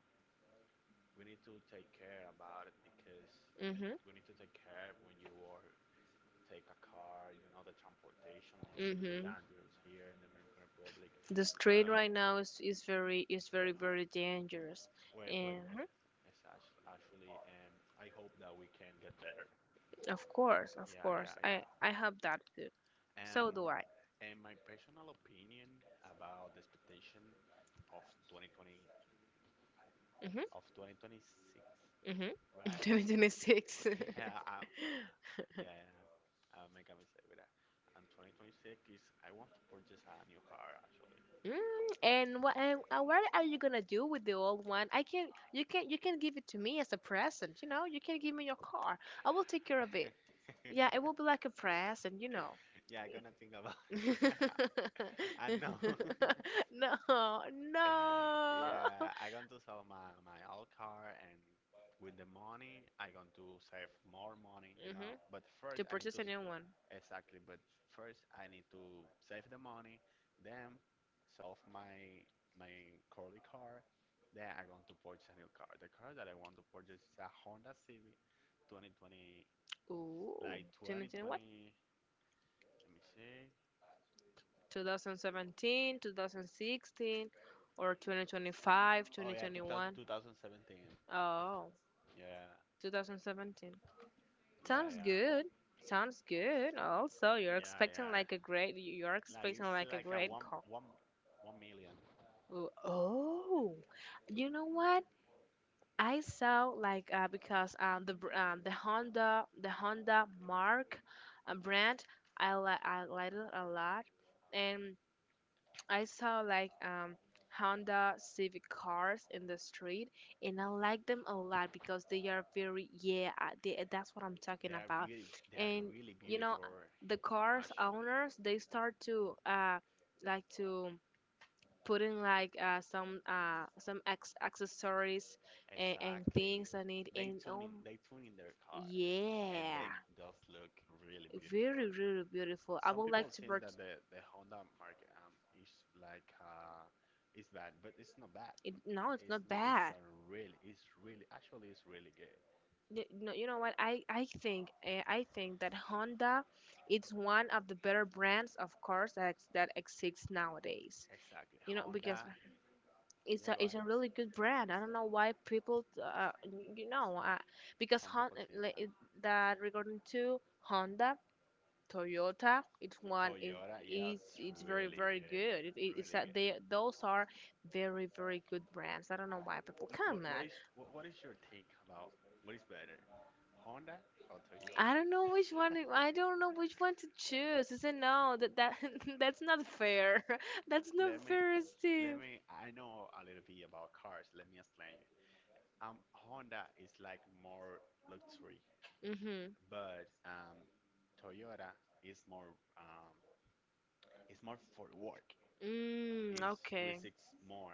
[SPEAKER 2] we need to take care about it because
[SPEAKER 1] Mhm.
[SPEAKER 2] we need to take care when you are take a car. You know, the transportation is really
[SPEAKER 1] Mhm.
[SPEAKER 2] dangerous here in the Dominican Republic.
[SPEAKER 1] The street
[SPEAKER 2] But
[SPEAKER 1] right now is, is
[SPEAKER 2] yeah,
[SPEAKER 1] very very dangerous.
[SPEAKER 2] wait, but
[SPEAKER 1] And
[SPEAKER 2] it's actually, I hope that we can get better.
[SPEAKER 1] of
[SPEAKER 2] Yeah,
[SPEAKER 1] course,
[SPEAKER 2] yeah, yeah.
[SPEAKER 1] I hope that too.
[SPEAKER 2] Um,
[SPEAKER 1] So do I.
[SPEAKER 2] and my personal opinion about the expectation of 2020
[SPEAKER 1] Mhm.
[SPEAKER 2] of 2026,
[SPEAKER 1] Mhm. <laughs>
[SPEAKER 2] right? <laughs>
[SPEAKER 1] 2026.
[SPEAKER 2] Yeah,
[SPEAKER 1] <laughs>
[SPEAKER 2] yeah, yeah. I'll make a mistake with that. And 2026 is I want to purchase a new car actually.
[SPEAKER 1] Mm, and, what are you gonna do with the old one? I can You can give it to me as a present, you know? You can give me your car. I will take care of it.
[SPEAKER 2] <laughs>
[SPEAKER 1] Yeah, it will be like a present, you know.
[SPEAKER 2] Yeah, I'm gonna think about it.
[SPEAKER 1] <laughs>
[SPEAKER 2] <laughs> I know. <laughs>
[SPEAKER 1] No, no.
[SPEAKER 2] Yeah, I going to sell my old car and with the money I going to save more money, you
[SPEAKER 1] Hmm.
[SPEAKER 2] know. But first
[SPEAKER 1] To
[SPEAKER 2] I need
[SPEAKER 1] purchase
[SPEAKER 2] to.
[SPEAKER 1] a new one.
[SPEAKER 2] Exactly, but first I need to save the money, then solve my curly car, then I'm going to purchase a new car. The car that I want to purchase is a Honda Civic 2020,
[SPEAKER 1] Ooh,
[SPEAKER 2] like
[SPEAKER 1] 2021,
[SPEAKER 2] 2020, let me see.
[SPEAKER 1] or 2017, 25,
[SPEAKER 2] Oh
[SPEAKER 1] twenty
[SPEAKER 2] yeah, 2000,
[SPEAKER 1] twenty-five, twenty 2021.
[SPEAKER 2] 2017.
[SPEAKER 1] Oh,
[SPEAKER 2] Yeah,
[SPEAKER 1] 2017.
[SPEAKER 2] yeah,
[SPEAKER 1] Sounds
[SPEAKER 2] yeah,
[SPEAKER 1] good. Sounds good. Also, you're
[SPEAKER 2] yeah,
[SPEAKER 1] expecting
[SPEAKER 2] yeah.
[SPEAKER 1] like a great. You're
[SPEAKER 2] Like
[SPEAKER 1] expecting
[SPEAKER 2] it's
[SPEAKER 1] like a
[SPEAKER 2] like a
[SPEAKER 1] great
[SPEAKER 2] one
[SPEAKER 1] call.
[SPEAKER 2] one one million.
[SPEAKER 1] Oh, oh. You know what? I saw, like, because, the Honda Mark, brand. I like it a lot. And I saw, like, Honda Civic cars in the street. And I like them a lot, because they are very. Yeah. That's what I'm
[SPEAKER 2] They
[SPEAKER 1] talking
[SPEAKER 2] are
[SPEAKER 1] about.
[SPEAKER 2] beauty. They are
[SPEAKER 1] And
[SPEAKER 2] really
[SPEAKER 1] you know,
[SPEAKER 2] beautiful,
[SPEAKER 1] the cars
[SPEAKER 2] actually.
[SPEAKER 1] owners, they start, to like to put in, like, some, accessories, and
[SPEAKER 2] Exactly.
[SPEAKER 1] things on it.
[SPEAKER 2] They
[SPEAKER 1] And,
[SPEAKER 2] tune
[SPEAKER 1] oh
[SPEAKER 2] in they tune in their cars and
[SPEAKER 1] yeah,
[SPEAKER 2] they just look really beautiful.
[SPEAKER 1] very really beautiful. I
[SPEAKER 2] Some
[SPEAKER 1] would like
[SPEAKER 2] people
[SPEAKER 1] to
[SPEAKER 2] think that
[SPEAKER 1] purchase.
[SPEAKER 2] the Honda mark is like is bad, but it's not bad.
[SPEAKER 1] No, it's
[SPEAKER 2] It's
[SPEAKER 1] not
[SPEAKER 2] not it's
[SPEAKER 1] bad.
[SPEAKER 2] a really it's really actually it's really good.
[SPEAKER 1] No, you know what? I think that Honda is one of the better brands of cars that exists nowadays.
[SPEAKER 2] Exactly.
[SPEAKER 1] You know, because
[SPEAKER 2] Honda, yeah, go
[SPEAKER 1] it's
[SPEAKER 2] ahead.
[SPEAKER 1] a really good brand. I don't know why people, you know, because,
[SPEAKER 2] Some people think
[SPEAKER 1] Like,
[SPEAKER 2] that.
[SPEAKER 1] that regarding to Honda, Toyota, it's one is
[SPEAKER 2] Toyota, yeah, it's
[SPEAKER 1] it's very
[SPEAKER 2] really
[SPEAKER 1] very
[SPEAKER 2] good.
[SPEAKER 1] good. It's
[SPEAKER 2] Really
[SPEAKER 1] that
[SPEAKER 2] good.
[SPEAKER 1] they, those are very very good brands. I don't know why people
[SPEAKER 2] What
[SPEAKER 1] come
[SPEAKER 2] what
[SPEAKER 1] on.
[SPEAKER 2] is what, what is your take about what is better? Honda or Toyota? <laughs>
[SPEAKER 1] I don't know which one to choose. I said, no, that, <laughs> that's not fair. <laughs> That's not
[SPEAKER 2] Let me,
[SPEAKER 1] fair,
[SPEAKER 2] let
[SPEAKER 1] Steve.
[SPEAKER 2] me. I know a little bit about cars. Let me explain you. Honda is like more luxury,
[SPEAKER 1] Mhm.
[SPEAKER 2] but Toyota is more it's more for work.
[SPEAKER 1] Mm,
[SPEAKER 2] It
[SPEAKER 1] okay.
[SPEAKER 2] risks more.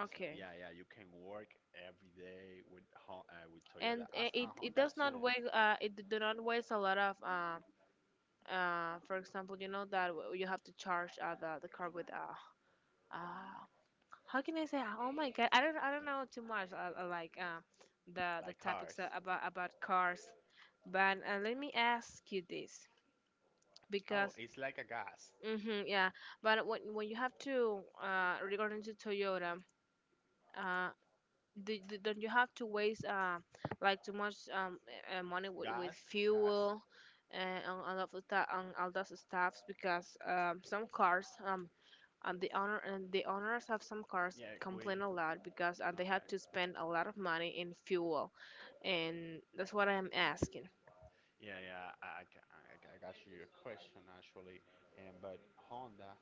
[SPEAKER 2] It's
[SPEAKER 1] Okay.
[SPEAKER 2] yeah, yeah. You can work every day with with Toyota
[SPEAKER 1] And
[SPEAKER 2] as
[SPEAKER 1] it
[SPEAKER 2] a
[SPEAKER 1] it
[SPEAKER 2] Honda
[SPEAKER 1] does not
[SPEAKER 2] too,
[SPEAKER 1] weigh do not waste a lot of for example you know that you have to charge the car with uh how can I say, oh my god, I don't know too much, like the
[SPEAKER 2] like cars.
[SPEAKER 1] topics about cars, but let me ask you this
[SPEAKER 2] Oh,
[SPEAKER 1] because.
[SPEAKER 2] it's like a gas,
[SPEAKER 1] Hmm, yeah, but when you have to regarding to Toyota, uh don't you have to waste like too much, money with
[SPEAKER 2] gas, gas.
[SPEAKER 1] fuel and on all of that, on all those stuffs, because some cars, and the owners of some cars
[SPEAKER 2] Yeah, green.
[SPEAKER 1] complain a lot because they had to
[SPEAKER 2] Okay.
[SPEAKER 1] spend a lot of money in fuel, and that's what I'm asking.
[SPEAKER 2] Yeah, yeah, I got you a question actually, and but Honda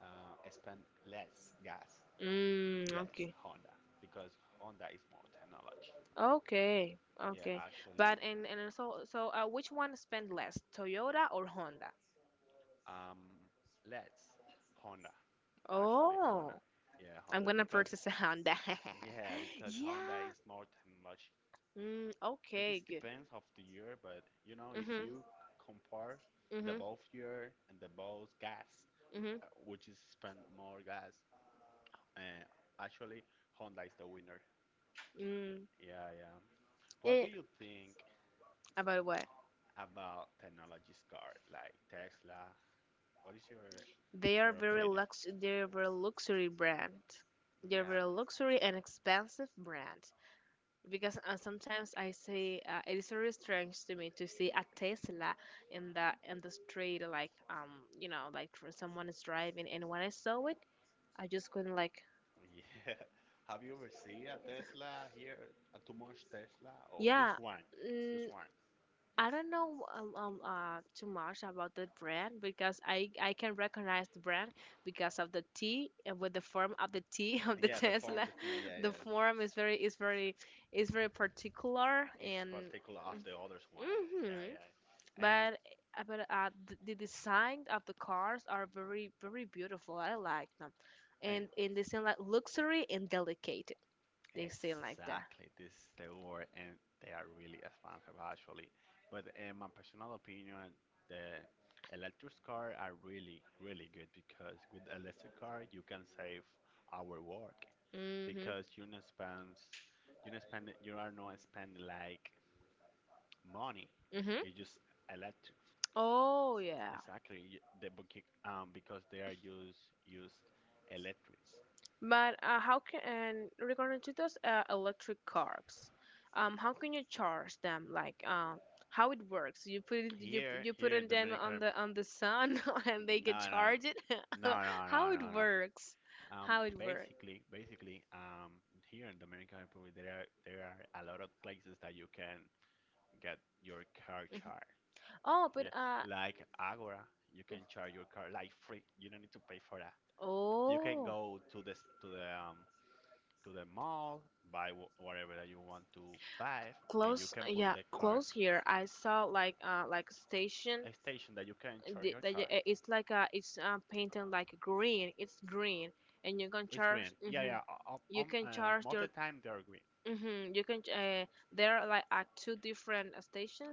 [SPEAKER 2] spend less gas,
[SPEAKER 1] Mm,
[SPEAKER 2] less
[SPEAKER 1] okay.
[SPEAKER 2] Honda because Honda is more technology.
[SPEAKER 1] Okay,
[SPEAKER 2] Yeah,
[SPEAKER 1] okay.
[SPEAKER 2] actually,
[SPEAKER 1] But and so which one spend less, Toyota or Honda?
[SPEAKER 2] um, less Honda, actually Honda.
[SPEAKER 1] Oh,
[SPEAKER 2] Yeah,
[SPEAKER 1] I'm
[SPEAKER 2] Honda
[SPEAKER 1] gonna
[SPEAKER 2] because
[SPEAKER 1] purchase a Honda. <laughs>
[SPEAKER 2] yeah because
[SPEAKER 1] Yeah.
[SPEAKER 2] Honda is more technology.
[SPEAKER 1] Mm,
[SPEAKER 2] Like it
[SPEAKER 1] okay, good.
[SPEAKER 2] depends of the year, but you know if
[SPEAKER 1] Mhm.
[SPEAKER 2] you compare the
[SPEAKER 1] Mhm.
[SPEAKER 2] both year and the both gas,
[SPEAKER 1] Mhm.
[SPEAKER 2] which is spend more gas, Uh, actually, Honda is the winner.
[SPEAKER 1] Mm.
[SPEAKER 2] Yeah, yeah.
[SPEAKER 1] Yeah,
[SPEAKER 2] What
[SPEAKER 1] yeah.
[SPEAKER 2] do you think
[SPEAKER 1] About what?
[SPEAKER 2] about technology's car like Tesla? What is your
[SPEAKER 1] They are
[SPEAKER 2] or
[SPEAKER 1] very
[SPEAKER 2] opinion?
[SPEAKER 1] lux. They're very luxury brand. They're
[SPEAKER 2] Yeah,
[SPEAKER 1] very luxury and expensive brand, because sometimes I say, it is very strange to me to see a Tesla in the street, like, you know, like for someone is driving, and when I saw it, I just couldn't like,
[SPEAKER 2] yeah. <laughs> Have you ever seen a Tesla here? A too much Tesla or
[SPEAKER 1] yeah,
[SPEAKER 2] just one? Just
[SPEAKER 1] mm,
[SPEAKER 2] one.
[SPEAKER 1] I don't know, too much about the brand, because I can recognize the brand because of the T, with the form of the T <laughs> of the
[SPEAKER 2] Yeah, the form
[SPEAKER 1] Tesla.
[SPEAKER 2] that the yeah,
[SPEAKER 1] The
[SPEAKER 2] yeah
[SPEAKER 1] form is very, is very, is very particular,
[SPEAKER 2] is
[SPEAKER 1] and.
[SPEAKER 2] particular of the others one. Yeah,
[SPEAKER 1] Mhm.
[SPEAKER 2] yeah. And,
[SPEAKER 1] But the design of the cars are very very beautiful. I like them,
[SPEAKER 2] and
[SPEAKER 1] and they seem like luxury and delicate. They seem like that.
[SPEAKER 2] exactly, this is the word, and they are really expensive actually. But in my personal opinion, the electric car are really, really good because with electric car you can save our work
[SPEAKER 1] Mhm.
[SPEAKER 2] because you not spend, you not spend, you are not spend like money.
[SPEAKER 1] Mhm.
[SPEAKER 2] You just electric.
[SPEAKER 1] Oh yeah.
[SPEAKER 2] Exactly, you- the book- because they are use use electrics.
[SPEAKER 1] But how can, and regarding to those electric cars, how can you charge them? Like, how it works? You put it, you
[SPEAKER 2] Here,
[SPEAKER 1] you put
[SPEAKER 2] here
[SPEAKER 1] in
[SPEAKER 2] in
[SPEAKER 1] them
[SPEAKER 2] Dominican, Rep-
[SPEAKER 1] on the sun <laughs> and they
[SPEAKER 2] no,
[SPEAKER 1] get
[SPEAKER 2] no,
[SPEAKER 1] charged. <laughs>
[SPEAKER 2] no, no, no,
[SPEAKER 1] How it
[SPEAKER 2] no, no,
[SPEAKER 1] works?
[SPEAKER 2] Um,
[SPEAKER 1] How it works?
[SPEAKER 2] basically, basically, um, here in Dominican Republic, there are a lot of places that you can get your car
[SPEAKER 1] Mm-hmm.
[SPEAKER 2] charged.
[SPEAKER 1] Oh, but
[SPEAKER 2] Yeah, like Agora, you can charge your car like free. You don't need to pay for that. You can
[SPEAKER 1] oh,
[SPEAKER 2] go to this to the mall, buy wh- whatever that you want to buy, and you
[SPEAKER 1] close.
[SPEAKER 2] can put
[SPEAKER 1] Yeah,
[SPEAKER 2] the car
[SPEAKER 1] close here. I saw like station.
[SPEAKER 2] a station that you can charge your car.
[SPEAKER 1] It's like a, it's painted like green. It's green, and you can
[SPEAKER 2] It's green.
[SPEAKER 1] charge.
[SPEAKER 2] Yeah,
[SPEAKER 1] Hmm.
[SPEAKER 2] yeah.
[SPEAKER 1] You can charge
[SPEAKER 2] Most
[SPEAKER 1] your.
[SPEAKER 2] of the time they are green.
[SPEAKER 1] Hmm. You can. There are like at two different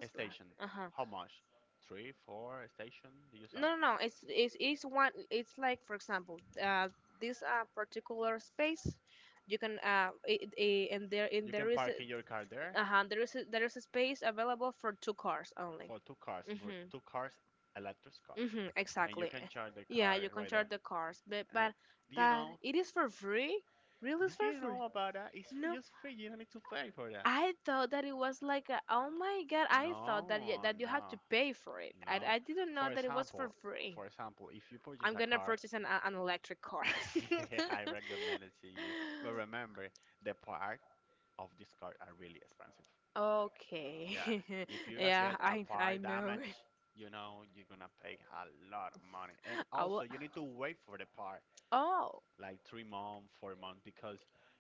[SPEAKER 2] A station.
[SPEAKER 1] Uh huh.
[SPEAKER 2] How much? Three, four a station. You saw.
[SPEAKER 1] No, no, no. It's it's one. It's like, for example, this particular space, you can it, it, and there, and
[SPEAKER 2] You
[SPEAKER 1] there
[SPEAKER 2] can
[SPEAKER 1] is a,
[SPEAKER 2] park in your car there
[SPEAKER 1] uh-huh, there is a space available for two cars only.
[SPEAKER 2] for two cars, but
[SPEAKER 1] Mhm,
[SPEAKER 2] two cars, electric cars,
[SPEAKER 1] mhm,
[SPEAKER 2] and you
[SPEAKER 1] exactly.
[SPEAKER 2] can charge the
[SPEAKER 1] Yeah,
[SPEAKER 2] car
[SPEAKER 1] you can
[SPEAKER 2] right there.
[SPEAKER 1] charge the cars, but
[SPEAKER 2] And
[SPEAKER 1] but
[SPEAKER 2] do you
[SPEAKER 1] but
[SPEAKER 2] know?
[SPEAKER 1] it is for free. Really, is
[SPEAKER 2] Did
[SPEAKER 1] for
[SPEAKER 2] you
[SPEAKER 1] free.
[SPEAKER 2] know about that? It's f-
[SPEAKER 1] No,
[SPEAKER 2] just free. You don't need to pay for that.
[SPEAKER 1] I thought that it was like a, oh my god, I thought that
[SPEAKER 2] No,
[SPEAKER 1] that you had to
[SPEAKER 2] no,
[SPEAKER 1] pay for it. I
[SPEAKER 2] no.
[SPEAKER 1] I didn't know
[SPEAKER 2] For
[SPEAKER 1] that it was for
[SPEAKER 2] example,
[SPEAKER 1] free.
[SPEAKER 2] for example, if you purchase
[SPEAKER 1] I'm
[SPEAKER 2] a
[SPEAKER 1] gonna
[SPEAKER 2] car,
[SPEAKER 1] purchase an, an electric car.
[SPEAKER 2] <laughs> I recommend it to you. But
[SPEAKER 1] <laughs>
[SPEAKER 2] remember, the part of this car are really expensive.
[SPEAKER 1] Okay.
[SPEAKER 2] Yeah, if
[SPEAKER 1] <laughs>
[SPEAKER 2] you
[SPEAKER 1] Yeah,
[SPEAKER 2] get a
[SPEAKER 1] I
[SPEAKER 2] part
[SPEAKER 1] know.
[SPEAKER 2] damage, you know you're gonna pay a lot of money, and
[SPEAKER 1] <laughs> I will.
[SPEAKER 2] also you need to wait for the part
[SPEAKER 1] Oh,
[SPEAKER 2] like 3 months, 4 months because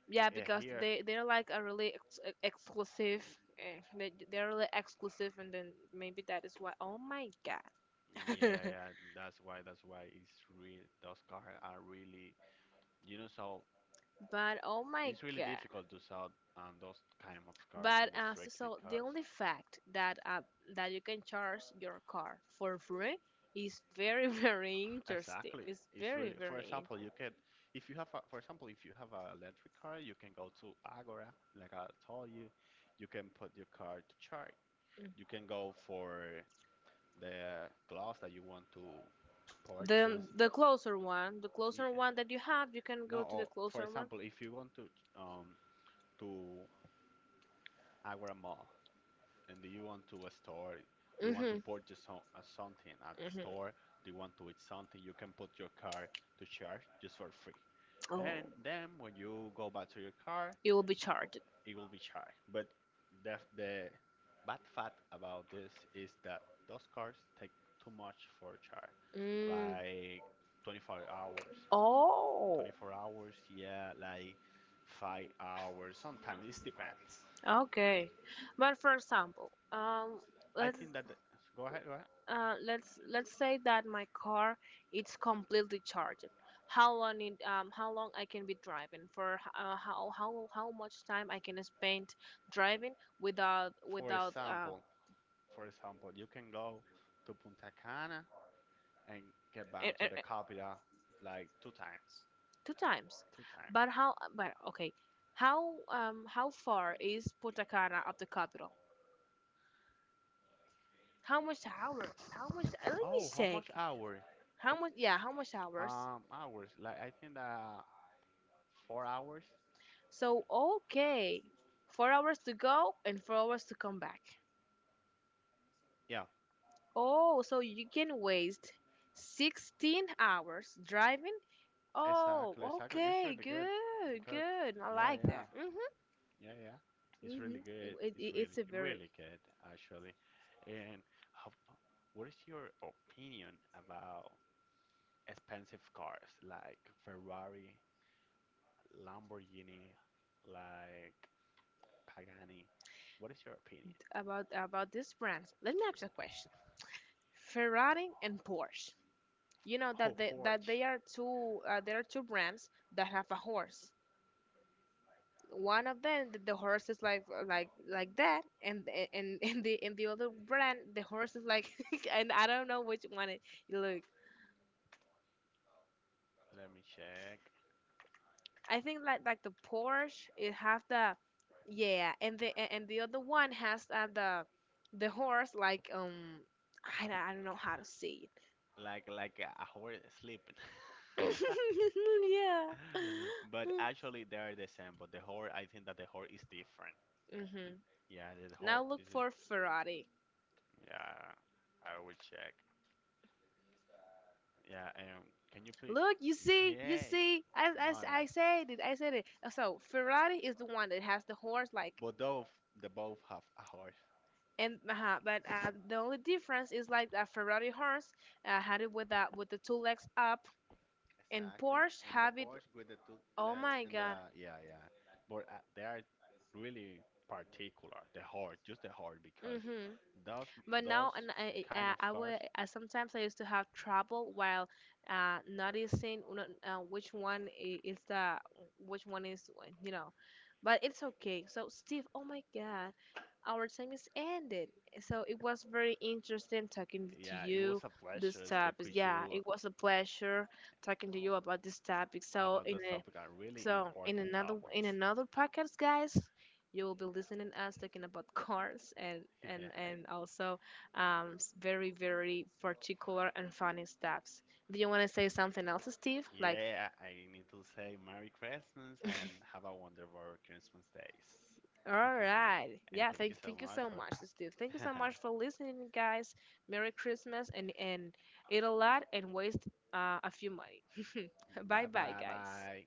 [SPEAKER 1] yeah, because
[SPEAKER 2] here,
[SPEAKER 1] they, they're like a really exclusive. They they're really exclusive, and then maybe that is why. Oh my god.
[SPEAKER 2] yeah,
[SPEAKER 1] <laughs>
[SPEAKER 2] yeah, that's why it's real. Those cars are really, you know, so
[SPEAKER 1] But oh my
[SPEAKER 2] it's really
[SPEAKER 1] god.
[SPEAKER 2] difficult to sell those kind of cars
[SPEAKER 1] But
[SPEAKER 2] on the
[SPEAKER 1] so,
[SPEAKER 2] street
[SPEAKER 1] so the
[SPEAKER 2] because
[SPEAKER 1] only fact that that you can charge your car for free is very <laughs> very interesting.
[SPEAKER 2] exactly.
[SPEAKER 1] It's
[SPEAKER 2] It's
[SPEAKER 1] very
[SPEAKER 2] really, for
[SPEAKER 1] very
[SPEAKER 2] example, you can, if you have, a, for example, if you have an electric car, you can go to Agora, like I told you. You can put your car to charge.
[SPEAKER 1] in-
[SPEAKER 2] You can go for the glass that you want to purchase.
[SPEAKER 1] the
[SPEAKER 2] Y-
[SPEAKER 1] closer one that you have, you can
[SPEAKER 2] No,
[SPEAKER 1] go to the
[SPEAKER 2] or for
[SPEAKER 1] closer one.
[SPEAKER 2] example, if you want um to Agora Mall, and do you want to store do you want to
[SPEAKER 1] Mhm.
[SPEAKER 2] purchase so- something at the
[SPEAKER 1] Mhm.
[SPEAKER 2] store do you want to eat something you can put your car to charge just for free
[SPEAKER 1] Oh,
[SPEAKER 2] and then when you go back to your car
[SPEAKER 1] you will be charged.
[SPEAKER 2] it will be charged but the bad fact about this is that those cars take too much for charge
[SPEAKER 1] Mm.
[SPEAKER 2] like 24 hours
[SPEAKER 1] Oh,
[SPEAKER 2] 24 hours yeah like 5 hours sometimes it depends.
[SPEAKER 1] okay. But for example,
[SPEAKER 2] I
[SPEAKER 1] let's
[SPEAKER 2] think that the, go ahead, go ahead,
[SPEAKER 1] let's say that my car it's completely charged. How long it, how long I can be driving for, how much time I can spend driving without
[SPEAKER 2] for
[SPEAKER 1] without
[SPEAKER 2] example. For example, you can go to Punta Cana and get
[SPEAKER 1] e-
[SPEAKER 2] bound to
[SPEAKER 1] e-
[SPEAKER 2] the capital like two times.
[SPEAKER 1] two times.
[SPEAKER 2] Two times.
[SPEAKER 1] But how? But okay, how, how far is Punta Cana of the capital? How much hours? How much? Let me
[SPEAKER 2] Oh, how
[SPEAKER 1] check.
[SPEAKER 2] much hour?
[SPEAKER 1] How much? Yeah, how much hours?
[SPEAKER 2] Hours. Like I think that 4 hours.
[SPEAKER 1] So, okay, 4 hours to go and 4 hours to come back.
[SPEAKER 2] Yeah,
[SPEAKER 1] Oh, so you can waste 16 hours driving?
[SPEAKER 2] exactly,
[SPEAKER 1] Oh,
[SPEAKER 2] exactly. It's
[SPEAKER 1] okay,
[SPEAKER 2] really good
[SPEAKER 1] good,
[SPEAKER 2] because,
[SPEAKER 1] good. I
[SPEAKER 2] yeah,
[SPEAKER 1] like
[SPEAKER 2] yeah,
[SPEAKER 1] that. Mm-hmm,
[SPEAKER 2] yeah, yeah. It's
[SPEAKER 1] mm-hmm.
[SPEAKER 2] really
[SPEAKER 1] It,
[SPEAKER 2] good.
[SPEAKER 1] it,
[SPEAKER 2] It's really,
[SPEAKER 1] it's a very
[SPEAKER 2] really good actually. And how, what is your opinion about expensive cars like Ferrari Lamborghini, like Pagani. What is your opinion?
[SPEAKER 1] about this brand. Let me ask you a question. Ferrari and Porsche. You know
[SPEAKER 2] Oh,
[SPEAKER 1] that they, that
[SPEAKER 2] Porsche.
[SPEAKER 1] they are two, there are two brands that have a horse. One of them, the horse is like, like that, and <laughs> in the, in the other brand, the horse is like <laughs> and I don't know which one it, you look,
[SPEAKER 2] Let me check.
[SPEAKER 1] I think like the Porsche it have the, yeah, and the other one has, the horse like, I don't know how to say
[SPEAKER 2] Like a horse sleeping.
[SPEAKER 1] it. <laughs> Yeah.
[SPEAKER 2] <laughs> But actually, they are the same. But the horse, I think that the horse is different.
[SPEAKER 1] Hmm.
[SPEAKER 2] Yeah, the
[SPEAKER 1] Now
[SPEAKER 2] horse. This
[SPEAKER 1] look
[SPEAKER 2] is
[SPEAKER 1] for Ferrari.
[SPEAKER 2] yeah. I will check. Yeah. Can you please?
[SPEAKER 1] Look, you
[SPEAKER 2] Yeah.
[SPEAKER 1] see,
[SPEAKER 2] No, no.
[SPEAKER 1] I said it, I said it. So Ferrari is the one that has the horse, like,
[SPEAKER 2] But both, they both have a horse.
[SPEAKER 1] and but the only difference is like a Ferrari horse had it with that with the two legs up, and
[SPEAKER 2] Exactly,
[SPEAKER 1] Porsche
[SPEAKER 2] and the
[SPEAKER 1] have it.
[SPEAKER 2] Porsche with the two
[SPEAKER 1] Oh
[SPEAKER 2] less
[SPEAKER 1] my
[SPEAKER 2] and the
[SPEAKER 1] God.
[SPEAKER 2] yeah, yeah, but they are really particular. The hard, just the hard, because
[SPEAKER 1] Hmm.
[SPEAKER 2] those
[SPEAKER 1] But
[SPEAKER 2] those
[SPEAKER 1] now, and
[SPEAKER 2] kind of
[SPEAKER 1] I
[SPEAKER 2] cars.
[SPEAKER 1] would sometimes I used to have trouble while noticing which one is the, which one is, you know, but it's okay. So Steve, oh my God, our time is ended. So it was very interesting talking with
[SPEAKER 2] Yeah, it was a pleasure speak with you about this topic. Are really important topics. <laughs> Yeah, yeah. I need to say Merry Christmas and have a wonderful Christmas days. <laughs> And thank you so much for. <laughs> Bye bye bye.